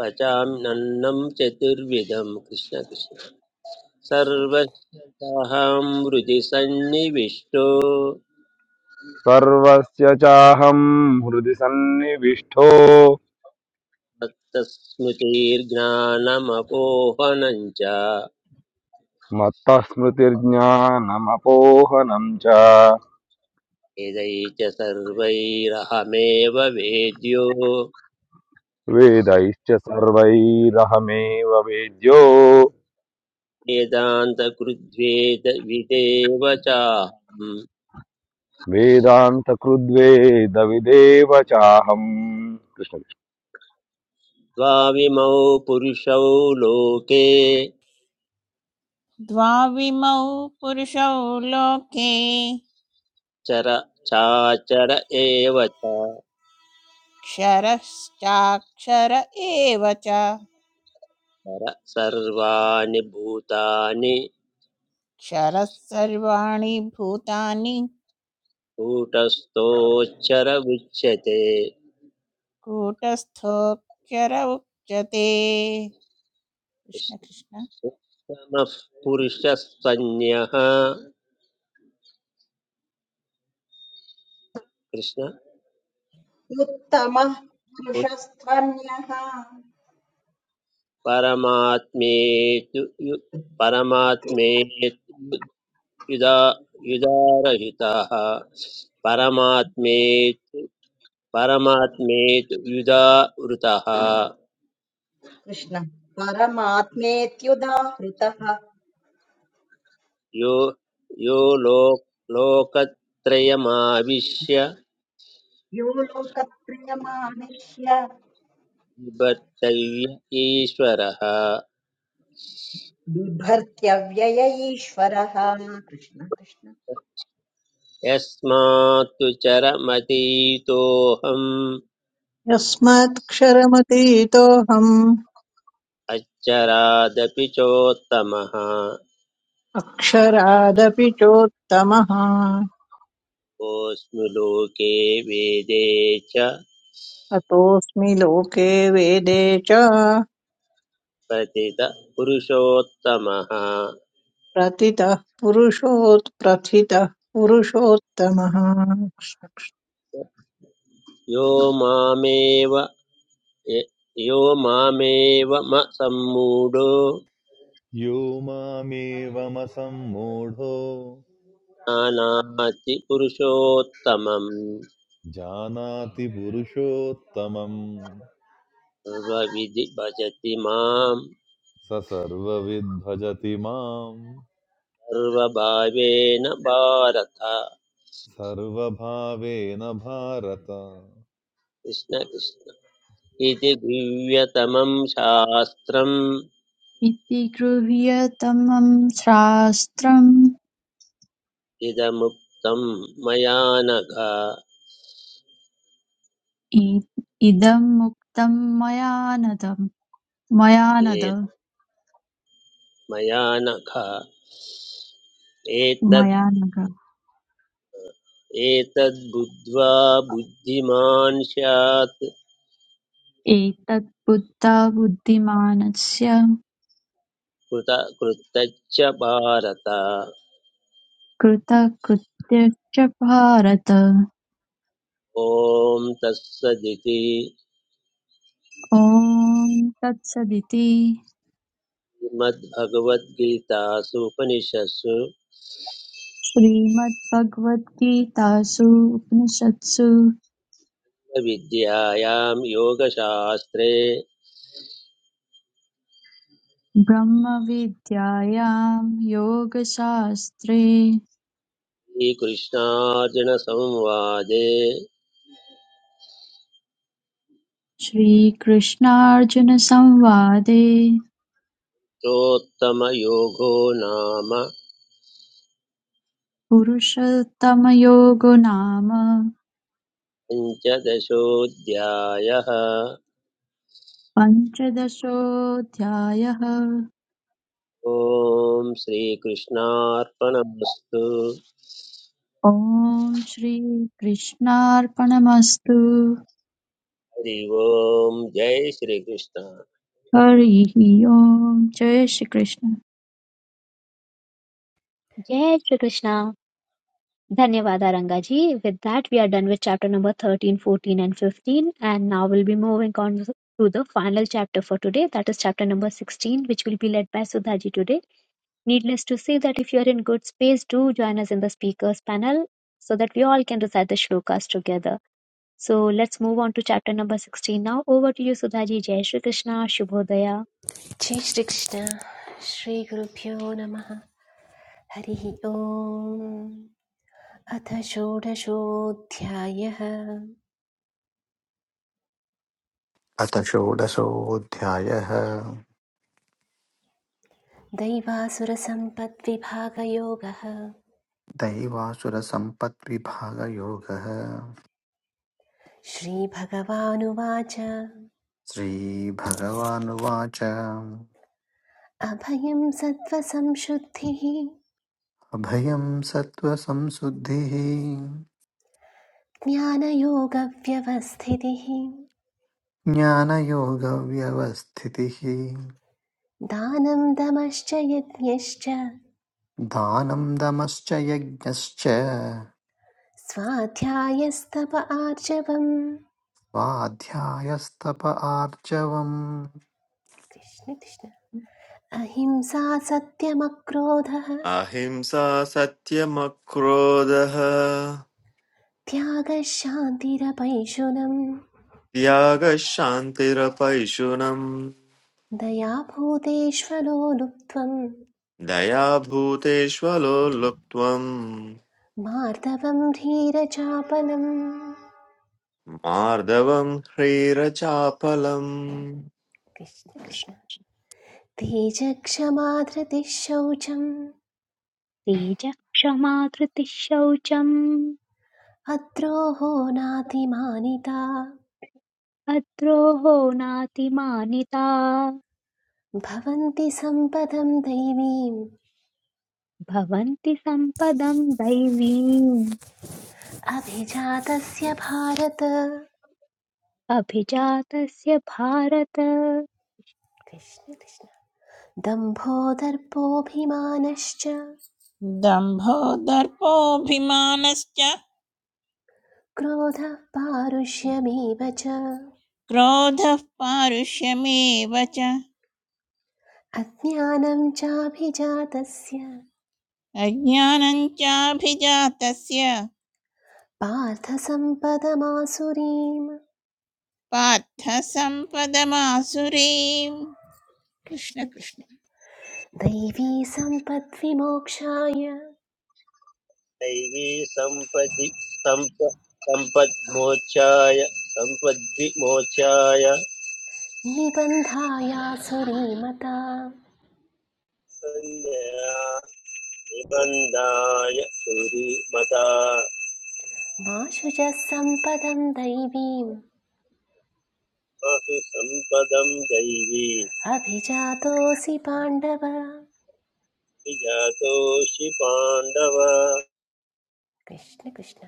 Speaker 4: पचाम्यन्नं चतुर्विधं कृष्ण कृष्ण
Speaker 2: कृष्ण कृष्ण
Speaker 4: सर्वशताहं हृदि सन्निविष्टो
Speaker 7: सर्वस्य चाहं हृदि सन्निविष्टो
Speaker 4: तत्तस्मृतिर्ज्ञानमपोहनं च
Speaker 7: मत्तः स्मृतिर्ज्ञानमपोहनं च
Speaker 4: यदै च सर्वैरहमेव वेद्यो
Speaker 7: वेदैश्च सर्वैरहमेव वेद्यो
Speaker 4: वेदान्तकृद्वेद विदेव चाहम्
Speaker 7: वेदान्तकृद्वेदविदेव चाहम् कृष्ण।
Speaker 4: द्वाविमौ पुरुषौ लोके
Speaker 3: द्वाविमौ पुरुषौ लोके
Speaker 4: चर चाचर एव च
Speaker 3: क्षरश्चाक्षर एव च
Speaker 4: चर सर्वाणि भूतानि
Speaker 3: क्षरः सर्वाणि भूतानि
Speaker 4: कूटस्थोच्चर उच्यते
Speaker 3: कूटस्थोऽक्षर उच्यते कृष्ण कृष्ण
Speaker 4: कृष्णः पुरुषस्तन्यः कृष्ण
Speaker 5: उत्तमः पुरुषस्त्वन्यः
Speaker 4: परमात्मेतु यु परमात्मेतु युदा युदारहितः परमात्मेतु परमात्मेत्युदा वृतः
Speaker 5: कृष्ण परमात्मेत्युदाहृतः
Speaker 4: यो यो लोक लोकत्रयमाविश्य
Speaker 5: यो लोकप्रियमाणिष्य
Speaker 4: निबद्धव्य ईश्वरः
Speaker 5: बिभर्त्यव्यय ईश्वरः कृष्ण कृष्ण
Speaker 4: यस्मात्तु चरमतीतोऽहम्
Speaker 6: यस्मात्क्षरमतीतोऽहम्
Speaker 4: अच्चरादपि चोत्तमः
Speaker 6: अक्षरादपि चोत्तमः
Speaker 4: कोऽस्मि लोके वेदे च
Speaker 6: अतोऽस्मि लोके वेदे च
Speaker 4: प्रतित पुरुषोत्तमः
Speaker 6: प्रतितः पुरुषोत् प्रथितः पुरुषोत्तमः
Speaker 4: यो मामेव यो मामेव म सम्मूढो
Speaker 8: यो मामेवमसम्मूढो
Speaker 4: जानाति पुरुषोत्तमं
Speaker 8: जानाति पुरुषोत्तमं
Speaker 4: सर्वविधि भजति मां
Speaker 8: स सर्वविद् भजति माम्
Speaker 4: सर्वभावेन भारत
Speaker 8: सर्वभावेन भारत
Speaker 4: कृष्ण कृष्ण इति दिव्यतमं शास्त्रम्
Speaker 9: इति गृह्यतमं शास्त्रम्
Speaker 4: इदमुक्तं मया नघ
Speaker 9: इ- इदं मुक्तं मया नदं मया नद
Speaker 4: एत् मया नघ एतद्
Speaker 9: मया नघ
Speaker 4: एतद्बुद्ध्वा बुद्धिमान् स्यात्
Speaker 9: एतत् बुद्धा बुद्धिमानस्य
Speaker 4: कृत कृतच्च भारत
Speaker 9: कृतकृत्यश्च भारत
Speaker 4: ॐ तत्सदिति
Speaker 9: ॐ तत्सदिति
Speaker 4: श्रीमद्भगवद्गीतासूपनिषत्सु
Speaker 9: श्रीमद्भगवद्गीतासु उपनिषत्सु
Speaker 4: विद्यायां योगशास्त्रे
Speaker 9: ब्रह्मविद्यायां योगशास्त्रे
Speaker 4: श्रीकृष्णार्जुनसंवादे
Speaker 9: श्रीकृष्णार्जुनसंवादे
Speaker 4: चोत्तमयोगो नाम
Speaker 9: पुरुषोत्तमयोगो नाम
Speaker 4: पञ्चदशोऽध्यायः
Speaker 9: पञ्चदशोऽध्यायः
Speaker 4: ॐ श्रीकृष्णार्पणमस्तु
Speaker 9: ॐ श्रीकृष्णार्पणमस्तु
Speaker 4: हरि ओम् जय श्रीकृष्ण
Speaker 9: हरिः ओम् जय श्रीकृष्ण
Speaker 1: जय श्री कृष्णा धन्यवाद arangaji with that we are done with chapter number thirteen, fourteen, and 15 and now we'll be moving on to the final chapter for today that is chapter number 16 which will be led by sudhaji today needless to say that if you are in good space do join us in the speakers panel so that we all can recite the shlokas together So let's move on to chapter number 16 now. Over to you, Sudhaji. Jai Shri Krishna, Shubhodaya.
Speaker 2: जय श्री श्रीगुरुभ्यो नमः हरिः ओम् अथ षोडशोऽध्यायः
Speaker 10: अथ षोडशोऽध्यायः
Speaker 2: दैवासुरसम्पद्विभागयोगः
Speaker 10: दैवासुरसम्पद्विभागयोगः
Speaker 2: श्रीभगवानुवाच
Speaker 10: श्रीभगवानुवाच
Speaker 2: अभयं सत्त्वसंशुद्धिः
Speaker 10: अभयं सत्त्वसंशुद्धिः
Speaker 2: ज्ञानयोगव्यवस्थितिः
Speaker 10: ज्ञानयोगव्यवस्थितिः
Speaker 2: दानं दमश्च यज्ञश्च
Speaker 10: दानं दमश्च यज्ञश्च
Speaker 2: स्वाध्यायस्तप आर्जवम्
Speaker 10: स्वाध्यायस्तप आर्जवम्
Speaker 2: कृष्ण कृष्ण अहिंसा सत्यमक्रोधः
Speaker 11: अहिंसा सत्यमक्रोधः
Speaker 2: त्यागः शान्तिरपैशुनम्
Speaker 11: त्यागः शान्तिरपैशुनम्
Speaker 2: दया भूतेष्वलो लुप्त्वम्
Speaker 11: दयाभूतेष्वलो लुप्त्वम्
Speaker 2: मार्दवं धीरचापलम्
Speaker 11: मार्दवम् ह्रीरचापलम्
Speaker 2: कृष्ण कृष्ण तेजक्षमा धृतिः शौचम्
Speaker 1: Teja Kshama Dhriti Shaucham
Speaker 2: अद्रोहो नातिमानिता
Speaker 1: Adroho Nati Manita
Speaker 2: भवन्ति सम्पदं दैवीम्
Speaker 1: Bhavanti Sampadam Daivim
Speaker 2: अभिजातस्य Bharata
Speaker 1: Abhijatasya Bharata
Speaker 2: Krishna Krishna दम्भो दर्पोऽभिमानश्च
Speaker 3: दम्भो दर्पोऽभिमानश्च
Speaker 2: क्रोधः पारुष्यमेव च
Speaker 3: क्रोधः पारुष्यमेव च
Speaker 2: अज्ञानं चाभिजातस्य
Speaker 3: अज्ञानं चाभिजातस्य
Speaker 2: पार्थसम्पदमासुरीम्
Speaker 3: पार्थ सम्पदमासुरीम् कृष्ण
Speaker 2: कृष्ण
Speaker 3: कृष्ण
Speaker 2: कृष्ण दैवी सम्पद्विमोक्षाय
Speaker 4: तैः सम्पदि सम्प सम्पद्मोक्षाय सम्पद्विमोक्षाय
Speaker 2: निबन्धायासुरीमता
Speaker 4: निबन्धाय सुरीमता
Speaker 2: मा शुचः सम्पदं दैवीम्
Speaker 4: पशु सम्पदम् दैवी
Speaker 2: अभिजातोऽसि पाण्डव
Speaker 4: विजातोऽसि पाण्डव अस-
Speaker 2: कृष्ण कृष्ण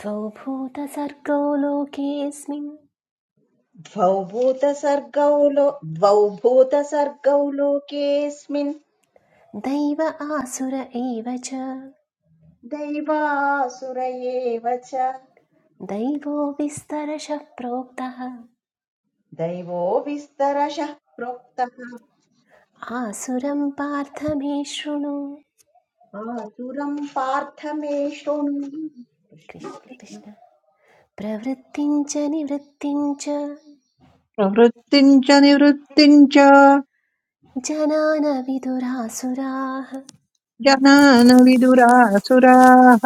Speaker 2: द्वौ भूतसर्गो लोकेऽस्मिन्
Speaker 5: द्वौ भूतसर्गौ लो द्वौ भूतसर्गौ लोकेऽस्मिन्
Speaker 2: दैव आसुर एव च
Speaker 5: दैवासुर एव च
Speaker 2: दैवो विस्तरशः प्रोक्तः
Speaker 5: दैवो विस्तरशः प्रोक्तः
Speaker 2: आसुरं पार्थ मे शृणु
Speaker 5: आसुरम् पार्थ मे शृणु
Speaker 2: कृष्ण कृष्ण प्रवृत्तिं च निवृत्तिं च
Speaker 6: प्रवृत्तिम् च निवृत्तिम् च
Speaker 2: जनान विदुरासुराः
Speaker 6: जनान विदुरासुराः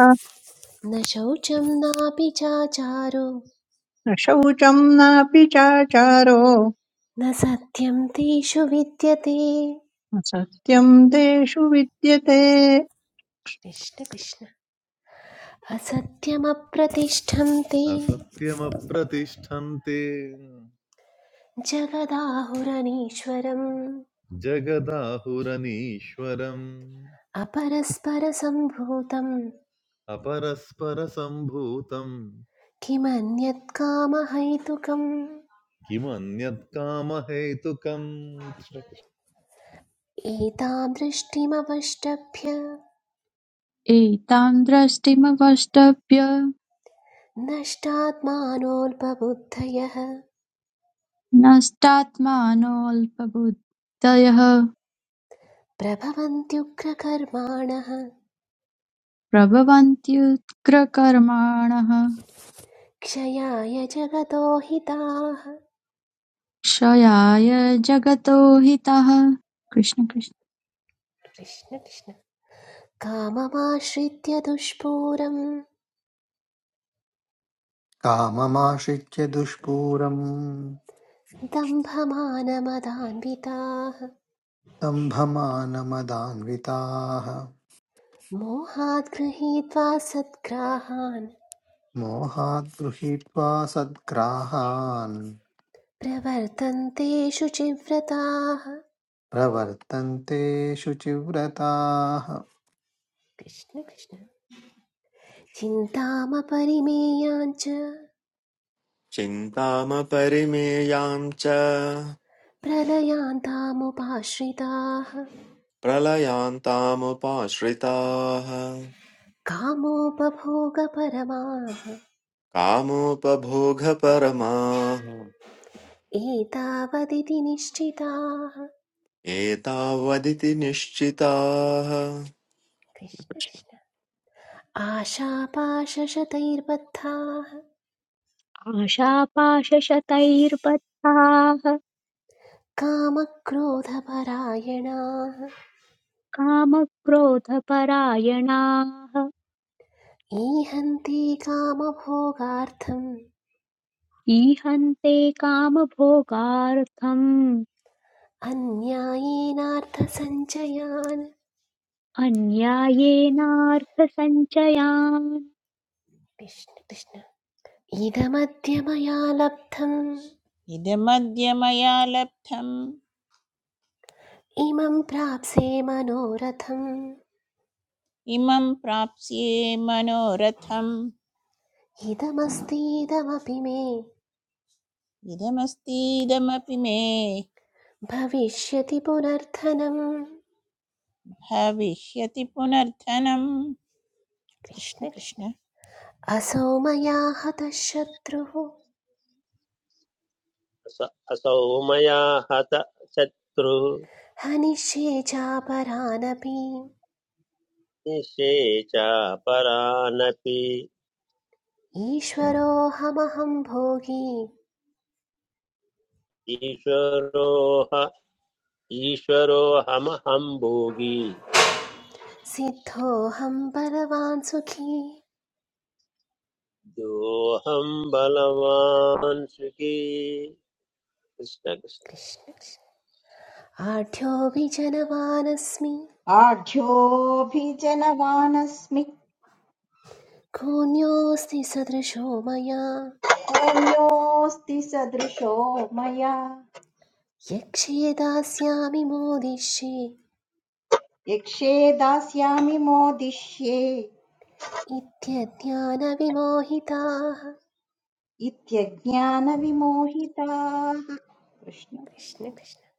Speaker 2: न शौचं नापि चाचारो
Speaker 6: न शौचम् नापि चाचारो
Speaker 2: न सत्यं तेषु विद्यते
Speaker 6: न सत्यम् तेषु विद्यते
Speaker 2: कृष्ण कृष्ण असत्यमप्रतिष्ठं ते
Speaker 8: असत्यमप्रतिष्ठन्ते
Speaker 2: जगदाहुरनीश्वरम्
Speaker 8: जगदाहुरनीश्वरम्
Speaker 2: अपरस्परसम्भूतम्
Speaker 8: अपरस्परसम्भूतम्
Speaker 2: किमन्यत्कामहैतुकम् कामहैतुकम्
Speaker 8: किमन्यत्कामहेतुकम्
Speaker 2: एतां दृष्टिमवष्टभ्य
Speaker 9: एतां दृष्टिमवष्टभ्य
Speaker 2: नष्टात्मानोऽल्पबुद्धयः
Speaker 9: नष्टात्मानोऽल्पबुद्धयः
Speaker 2: प्रभवन्त्युग्रकर्माणः
Speaker 9: प्रभवन्त्युग्रकर्माणः
Speaker 2: क्षयाय जगतो हिताः
Speaker 9: क्षयाय जगतो हितः कृष्ण कृष्ण
Speaker 2: कृष्ण कृष्ण काममाश्रित्य दुष्पूरं
Speaker 10: काममाश्रित्य दुष्पूरम्
Speaker 2: दम्भमानमदान्विताः
Speaker 10: दम्भमानमदान्विताः
Speaker 2: मोहात् गृहीत्वा सद्ग्राहान्
Speaker 10: मोहात् गृहीत्वा सद्ग्राहान्
Speaker 2: प्रवर्तन्ते शुचिव्रताः
Speaker 10: प्रवर्तन्ते शुचिव्रताः
Speaker 2: कृष्ण कृष्ण चिन्तामपरिमेयाञ्च
Speaker 11: चिन्तामपरिमेयाम् च
Speaker 2: प्रलयान्तामुपाश्रिताः
Speaker 11: प्रलयान्तामुपाश्रिताः
Speaker 2: कामोपभोगपरमाः
Speaker 11: कामोपभोगपरमाः
Speaker 2: एतावदिति निश्चिताः
Speaker 11: एतावदिति निश्चिताः
Speaker 2: कृष्ण कृष्ण आशापाशशतैर्बद्धाः
Speaker 1: आशापाशशतैर्बद्धाः
Speaker 2: कामक्रोधपरायणाः
Speaker 1: कामक्रोधपरायणाः
Speaker 2: ईहन्ति कामभोगार्थम्
Speaker 1: ईहन्ते कामभोगार्थम्
Speaker 2: अन्यायेनार्थसञ्चयान्
Speaker 1: अन्यायेनार्थसञ्चयान्
Speaker 2: कृष्ण कृष्ण इदमद्य मया लब्धम्
Speaker 3: इदमद्य मया लब्धम्
Speaker 2: इमं प्राप्से मनोरथम्
Speaker 3: इमं प्राप्स्ये मनोरथम्
Speaker 2: इदमस्तीदमपि मे
Speaker 3: इदमस्तीदमपि मे
Speaker 2: भविष्यति पुनर्थनं।
Speaker 3: भविष्यति पुनर्धनम् कृष्ण
Speaker 2: कृष्ण कृष्ण
Speaker 3: कृष्ण
Speaker 2: असौ मया हतः शत्रुः
Speaker 4: असौ मया हत शत्रु
Speaker 2: हनिष्ये चापरानपि
Speaker 4: निषेचा परानपि
Speaker 2: ईश्वरोऽहमहं भोगी
Speaker 4: ईश्वरोह ईश्वरोऽहमहम् भोगी
Speaker 2: सिद्धोऽहं बलवान् सुखी
Speaker 4: दोऽहम् बलवान् सुखी कृष्ण कृष्ण
Speaker 2: कृष्ण कृष्ण आढ्योऽपि जनवानस्मि
Speaker 5: आढ्योऽभिजनवानस्मि
Speaker 2: कोऽन्योऽस्ति सदृशो मया
Speaker 5: कोऽन्योऽस्ति सदृशो मया
Speaker 2: यक्षे दास्यामि मोदिष्ये
Speaker 5: यक्षे दास्यामि मोदिष्ये
Speaker 2: इत्यज्ञानविमोहिताः
Speaker 5: इत्यज्ञानविमोहिताः कृष्ण
Speaker 2: कृष्ण कृष्ण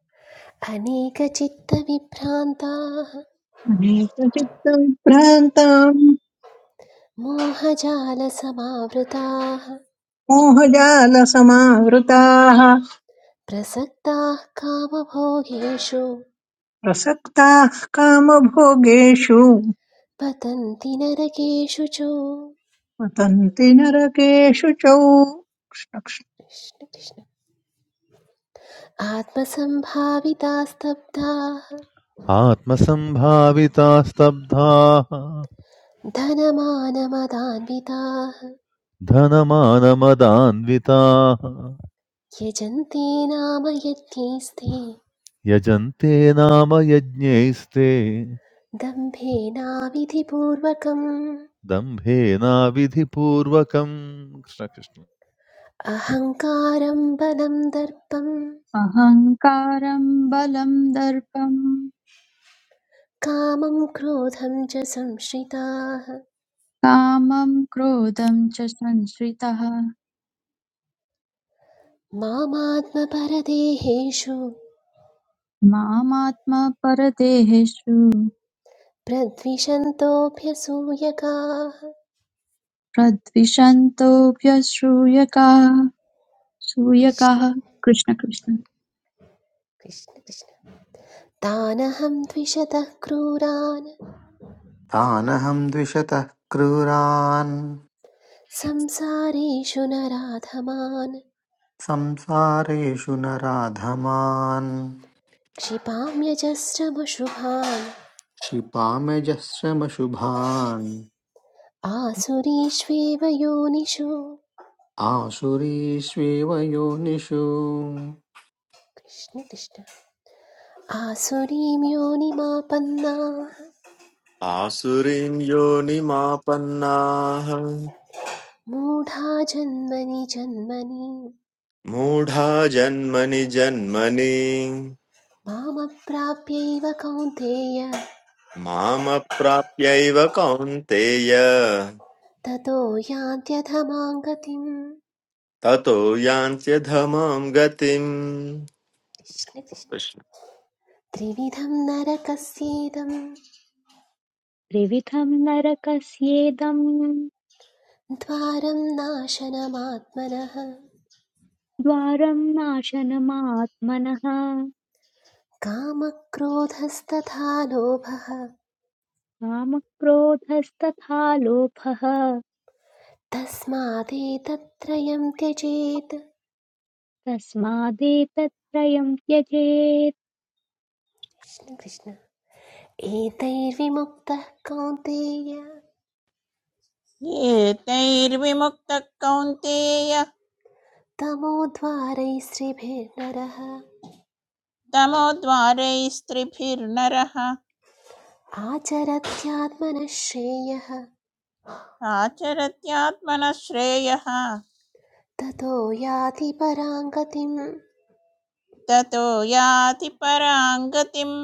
Speaker 2: अनेकचित्तविभ्रान्ताः
Speaker 6: चित्तविभ्रान्ताम्
Speaker 2: मोहजालसमावृताः
Speaker 6: मोहजालसमावृताः
Speaker 2: प्रसक्ताः कामभोगेषु
Speaker 6: प्रसक्ताः कामभोगेषु
Speaker 2: पतन्ति नरकेषु च
Speaker 6: पतन्ति नरकेषु च
Speaker 2: कृष्ण कृष्ण आत्मसम्भावितास्तब्धाः
Speaker 8: आत्मसम्भाविताः स्तब्धाः
Speaker 2: धनमानमदान्विताः
Speaker 8: धनमानमदान्विताः
Speaker 2: यजन्ते नाम यज्ञैस्ते
Speaker 8: यजन्ते नाम यज्ञैस्ते
Speaker 2: दम्भेनाविधिपूर्वकम्
Speaker 8: दम्भेनाविधिपूर्वकम् कृष्ण कृष्ण
Speaker 2: अहङ्कारं बलं दर्पं
Speaker 9: अहङ्कारं बलं दर्पं
Speaker 2: कामं क्रोधं च संश्रिताः
Speaker 9: कामं क्रोधं च संश्रितः
Speaker 2: मामात्मपरदेहेषु
Speaker 9: मामात्मपरदेहेषु
Speaker 2: प्रद्विषन्तोऽभ्यसूयकाः
Speaker 9: प्रद्विषन्तोऽभ्यसूयकाः
Speaker 2: कृष्ण
Speaker 9: सूयकाः कृष्ण कृष्ण
Speaker 2: कृष्ण कृष्ण तानहं द्विषतः क्रूरान्
Speaker 10: तानहं द्विषतः क्रूरान्
Speaker 2: संसारेषु नराधमान्
Speaker 10: संसारेषु नराधमान्
Speaker 2: क्षिपाम्यजस्रमशुभान्
Speaker 10: क्षिपाम्यजश्रमशुभान्
Speaker 2: आसुरीष्वेव योनिषु
Speaker 10: आसुरीष्वेव योनिषु
Speaker 2: कृष्ण कृष्ण आसुरीं योनिमापन्ना
Speaker 11: आसुरीं योनिमापन्नाः
Speaker 2: मूढा जन्मनि जन्मनि
Speaker 11: मूढा जन्मनि जन्मनि
Speaker 2: मामप्राप्यैव कौन्तेय
Speaker 11: मामप्राप्यैव कौन्तेय
Speaker 2: ततो यान्त्यधमां गतिम्
Speaker 11: ततो यान्त्यधमां गतिम्
Speaker 2: कृष्ण कृष्ण।
Speaker 11: कृष्ण।
Speaker 2: त्रिविधं नरकस्येदं
Speaker 1: त्रिविधम् नरकस्येदम्
Speaker 2: द्वारं नाशनमात्मनः
Speaker 1: द्वारम् नाशनमात्मनः
Speaker 2: कामक्रोधस्तथा लोभः
Speaker 1: कामक्रोधस्तथा लोभः
Speaker 2: तस्मादेतत्त्रयं त्यजेत्
Speaker 1: तस्मादेतत्त्रयम् त्यजेत्
Speaker 2: कृष्ण कृष्ण एतैर्विमुक्तः कौन्तेय
Speaker 3: एतैर्विमुक्तः कौन्तेय
Speaker 2: तमोद्वारैः श्रीभिर्नरः
Speaker 3: तमोद्वारैस्त्रिभिर्नरः
Speaker 2: आचरत्यात्मनः श्रेयः
Speaker 3: आचरत्यात्मनः श्रेयः
Speaker 2: ततो याति परां गतिम्
Speaker 3: ततो याति परां गतिम्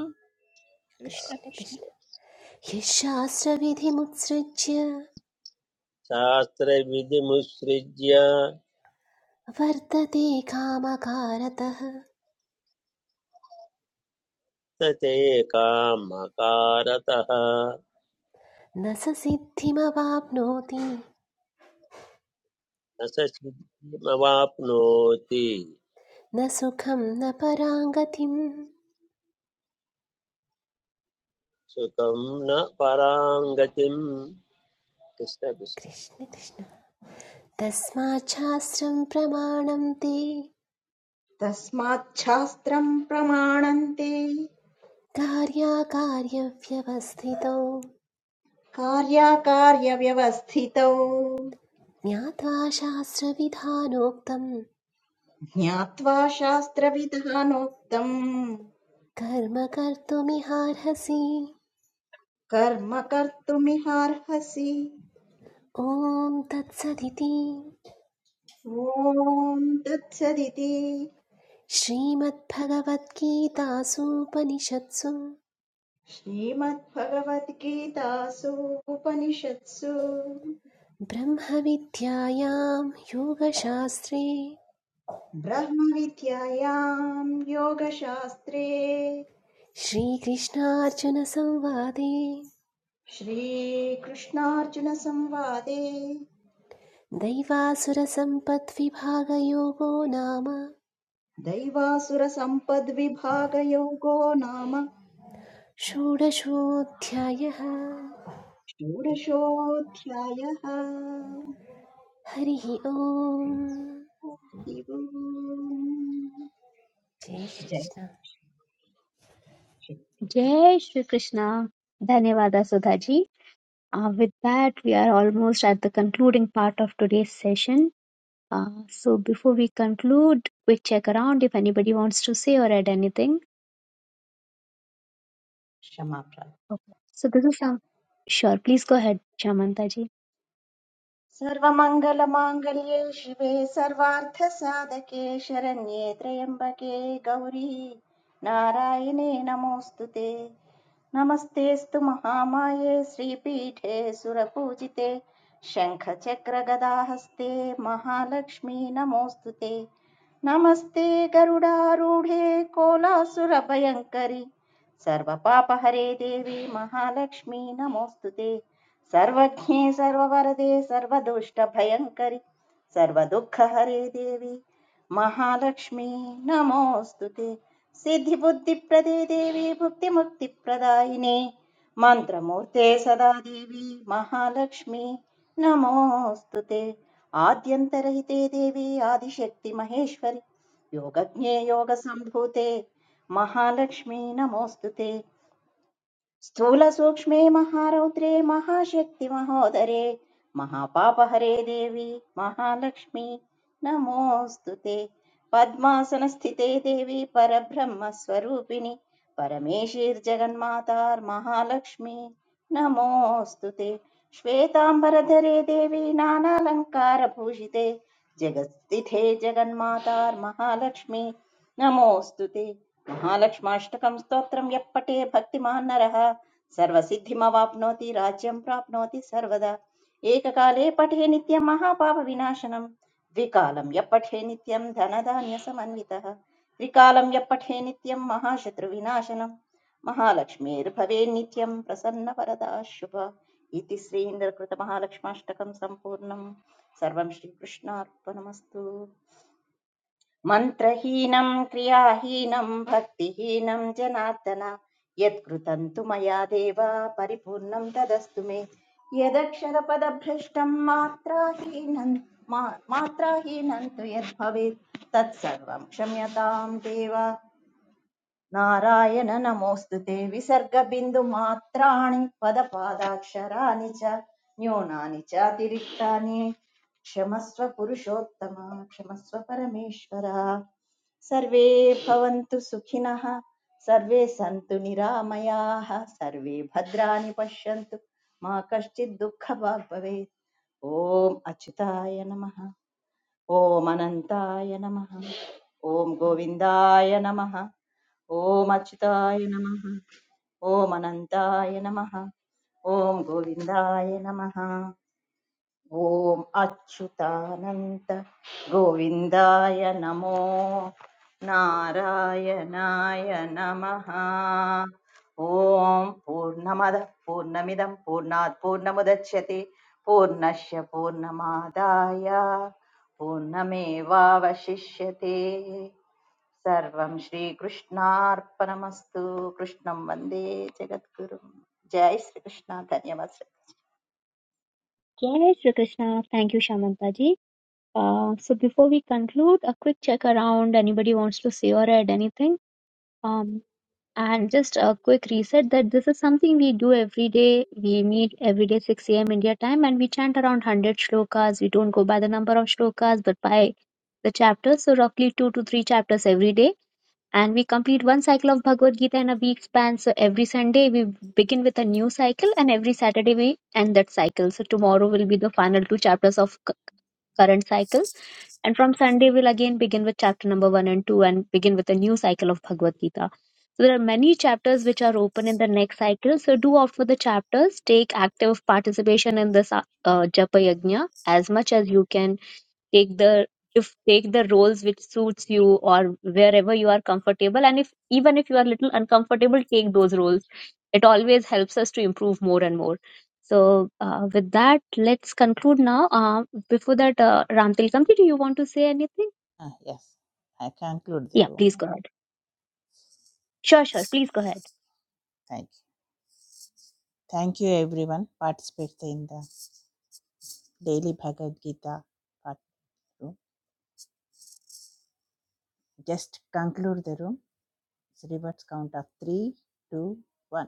Speaker 3: कृष्ण
Speaker 2: कृष्ण
Speaker 3: कृष्ण
Speaker 2: कृष्ण यः शास्त्रविधिमुत्सृज्य
Speaker 4: शास्त्रविधिमुत्सृज्य
Speaker 2: वर्तते कामकारतः
Speaker 4: न ते कामकारतः
Speaker 2: न स सिद्धिमवाप्नोति
Speaker 4: न स सिद्धिमवाप्नोति
Speaker 2: न सुखं न परां गतिम्
Speaker 4: सुखं न पराङ्गतिम्
Speaker 2: कृष्ण कृष्ण तस्माच्छास्त्रं प्रमाणं ते
Speaker 5: तस्माच्छास्त्रम् प्रमाणन्ते
Speaker 2: कार्याकार्यव्यवस्थितौ
Speaker 5: कार्याकार्यव्यवस्थितौ
Speaker 2: ज्ञात्वा शास्त्रविधानोक्तं
Speaker 5: ज्ञात्वा शास्त्रविधानोक्तम्
Speaker 2: कर्म कर्तुमिहार्हसि
Speaker 5: कर्म कर्तुमिहार्हसि
Speaker 2: ॐ तत्सदिति
Speaker 5: ॐ तत्सदिति
Speaker 2: श्रीमद्भगवद्गीतासूपनिषत्सु
Speaker 5: श्रीमद्भगवद्गीतासु उपनिषत्सु
Speaker 2: ब्रह्मविद्यायां योगशास्त्रे
Speaker 5: ब्रह्मविद्यायाम् योगशास्त्रे
Speaker 2: श्रीकृष्णार्जुनसंवादे
Speaker 5: श्रीकृष्णार्जुनसंवादे
Speaker 2: दैवासुरसम्पद्विभागयोगो नाम
Speaker 5: दैवासुरसम्पद्विभागयोगो नाम
Speaker 2: षोडशोऽध्यायः
Speaker 5: षोडशोऽध्यायः हरिः
Speaker 2: हरिः ओम्
Speaker 5: ओम्।
Speaker 2: जय
Speaker 5: जय
Speaker 2: श्रीकृष्ण
Speaker 5: श्रीकृष्ण।
Speaker 1: जय श्री कृष्णा धन्यवाद सुधा जी Uh, with that, we are almost at the concluding part of today's session. Uh, so before we conclude, quick check around if anybody wants to say or add anything.
Speaker 5: क्षमा प्रार्थना।
Speaker 1: Okay. So this is some. Sure, please go ahead, Shamanta ji.
Speaker 5: सर्वमङ्गलमाङ्गल्ये शिवे सर्वार्थसाधके शरण्ये त्र्यम्बके गौरी नारायणे नमोऽस्तु ते नमस्तेऽस्तु महामाये श्रीपीठे सुरपूजिते शङ्खचक्रगदाहस्ते महालक्ष्मी नमोऽस्तु ते नमस्ते गरुडारूढे कोलासुरभयङ्करि सर्वपापहरे देवी महालक्ष्मी नमोऽस्तु ते सर्वज्ञे सर्ववरदे सर्वदुष्टभयङ्करि सर्वदुःखहरे देवी महालक्ष्मी नमोऽस्तु ते सिद्धिबुद्धिप्रदे देवी भुक्तिमुक्तिप्रदायिने मन्त्रमूर्ते सदा देवी महालक्ष्मी नमोऽस्तु ते आद्यन्तरहिते देवी आदिशक्ति महेश्वरि योगज्ञे योगसम्भूते महालक्ष्मी नमोऽस्तु ते स्थूलसूक्ष्मे महारौद्रे महाशक्तिमहोदरे महापापहरे देवी महालक्ष्मी नमोऽस्तु ते पद्मासनस्थिते देवी परब्रह्मस्वरूपिणि परमेशीर्जगन्मातार्महालक्ष्मी नमोऽस्तु ते श्वेताम्बरधरे देवी नानालङ्कारभूषिते जगत्स्थिते जगन्मातार्महालक्ष्मी నమోऽస్తు తే మహాలక్ష్మాష్టకం స్తోత్రం ఎప్పటే భక్తిమాన్ నరః సర్వసిద్ధిమవాప్నోతి రాజ్యం ప్రాప్నోతి సర్వదా ఏకకాలే పఠే నిత్యం మహాపాప వినాశనం ద్వికాలం ఎప్పఠే నిత్యం ధనధాన్య సమన్వితః త్రికాలం ఎప్పఠే నిత్యం మహాశత్రు వినాశనం మహాలక్ష్మీర్భవే నిత్యం ప్రసన్న వరదా శుభ ఇది శ్రీంద్రకృత మహాలక్ష్మాష్టకం సంపూర్ణం సర్వం శ్రీకృష్ణార్పణమస్తు मन्त्रहीनं क्रियाहीनं भक्तिहीनं जनार्दन यत्कृतं तु मया देव परिपूर्णं तदस्तु मे यदक्षरपदभ्रष्टं मात्राहीनं मा- मात्राहीनं तु यद्भवेत् तत्सर्वं क्षम्यतां देव नारायण नमोऽस्तु ते विसर्गबिन्दुमात्राणि पदपादाक्षराणि च न्यूनानि च अतिरिक्तानि क्षमस्व पुरुषोत्तम क्षमस्व परमेश्वर सर्वे भवन्तु सुखिनः सर्वे सन्तु निरामयाः सर्वे भद्राणि पश्यन्तु मा कश्चित् दुःखभाग् भवेत् ॐ अच्युताय नमः ॐ अनन्ताय नमः ॐ गोविन्दाय नमः ॐ अच्युताय नमः ॐ अनन्ताय नमः ॐ गोविन्दाय नमः ॐ अच्युतानन्त गोविन्दाय नमो नारायणाय नमः ॐ पूर्णमदः पूर्णमिदं पूर्णात् पूर्णमुदच्यते पूर्णस्य पूर्णमादाय पूर्णमेवावशिष्यते सर्वं श्रीकृष्णार्पणमस्तु कृष्णं वन्दे जगद्गुरुं जय श्रीकृष्ण धन्यवाद Shraddha.
Speaker 1: Yes, Shri Krishna. Thank you, Shamantaji. Uh, so before we conclude, a quick check around. Anybody wants to say or add anything? Um, and just a quick reset that this is something we do every day. We meet every day 6 a.m. India time and we chant around 100 shlokas. We don't go by the number of shlokas but by the chapters. So roughly two to three chapters every day. and we complete one cycle of Bhagavad Gita in a week span. So every Sunday we begin with a new cycle, and every Saturday we end that cycle. So tomorrow will be the final two chapters of cu- current cycle, and from Sunday we'll again begin with chapter number one and two, and begin with a new cycle of Bhagavad Gita. So there are many chapters which are open in the next cycle. So do opt for the chapters. Take active participation in this uh, uh, Japa Yajna as much as you can take the if take the roles which suits you or wherever you are comfortable and if even if you are little uncomfortable take those roles it always helps us to improve more and more so uh, with that let's conclude now uh, before that uh, ram tilkamji do you want to say anything
Speaker 3: yes I conclude the
Speaker 1: yeah
Speaker 3: room
Speaker 1: please go ahead sure sure please go ahead
Speaker 3: thank you thank you everyone participate in the daily Bhagavad Gita part room just conclude the room reverts count of three two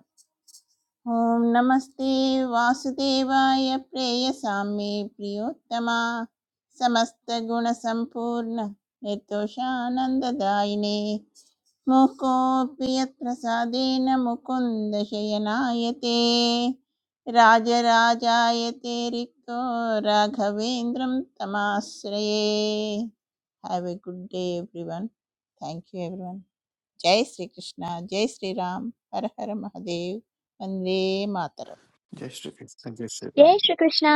Speaker 3: ॐ नमस्ते वासुदेवाय प्रेयसाम्ये प्रियोत्तमा समस्तगुणसम्पूर्ण निर्दोषानन्ददायिने मुकोऽपि यत्प्रसादेन मुकुन्द शयनायते राजराजायते रिक्तो राघवेन्द्रं तमाश्रये have a good day everyone thank you everyone जय श्री कृष्णा जय श्री राम हर हर महादेव वंदे मातरम
Speaker 10: जय श्रीकृष्ण जय
Speaker 1: jai
Speaker 10: श्रीराम
Speaker 1: shri krishna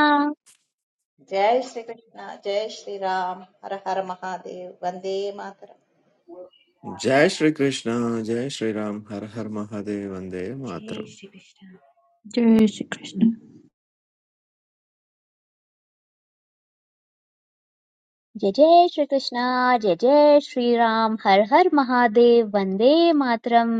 Speaker 5: जय श्रीकृष्ण जय श्रीराम हर हर महादेव वन्दे मातरम्
Speaker 11: जय श्री कृष्ण जय श्री राम हर हर महादेव वन्दे
Speaker 2: जय
Speaker 11: मातरम्
Speaker 2: श्रीकृष्ण
Speaker 9: जय Shri Krishna
Speaker 1: jai jai shri krishna jai jai shri ram har har mahadev vande matram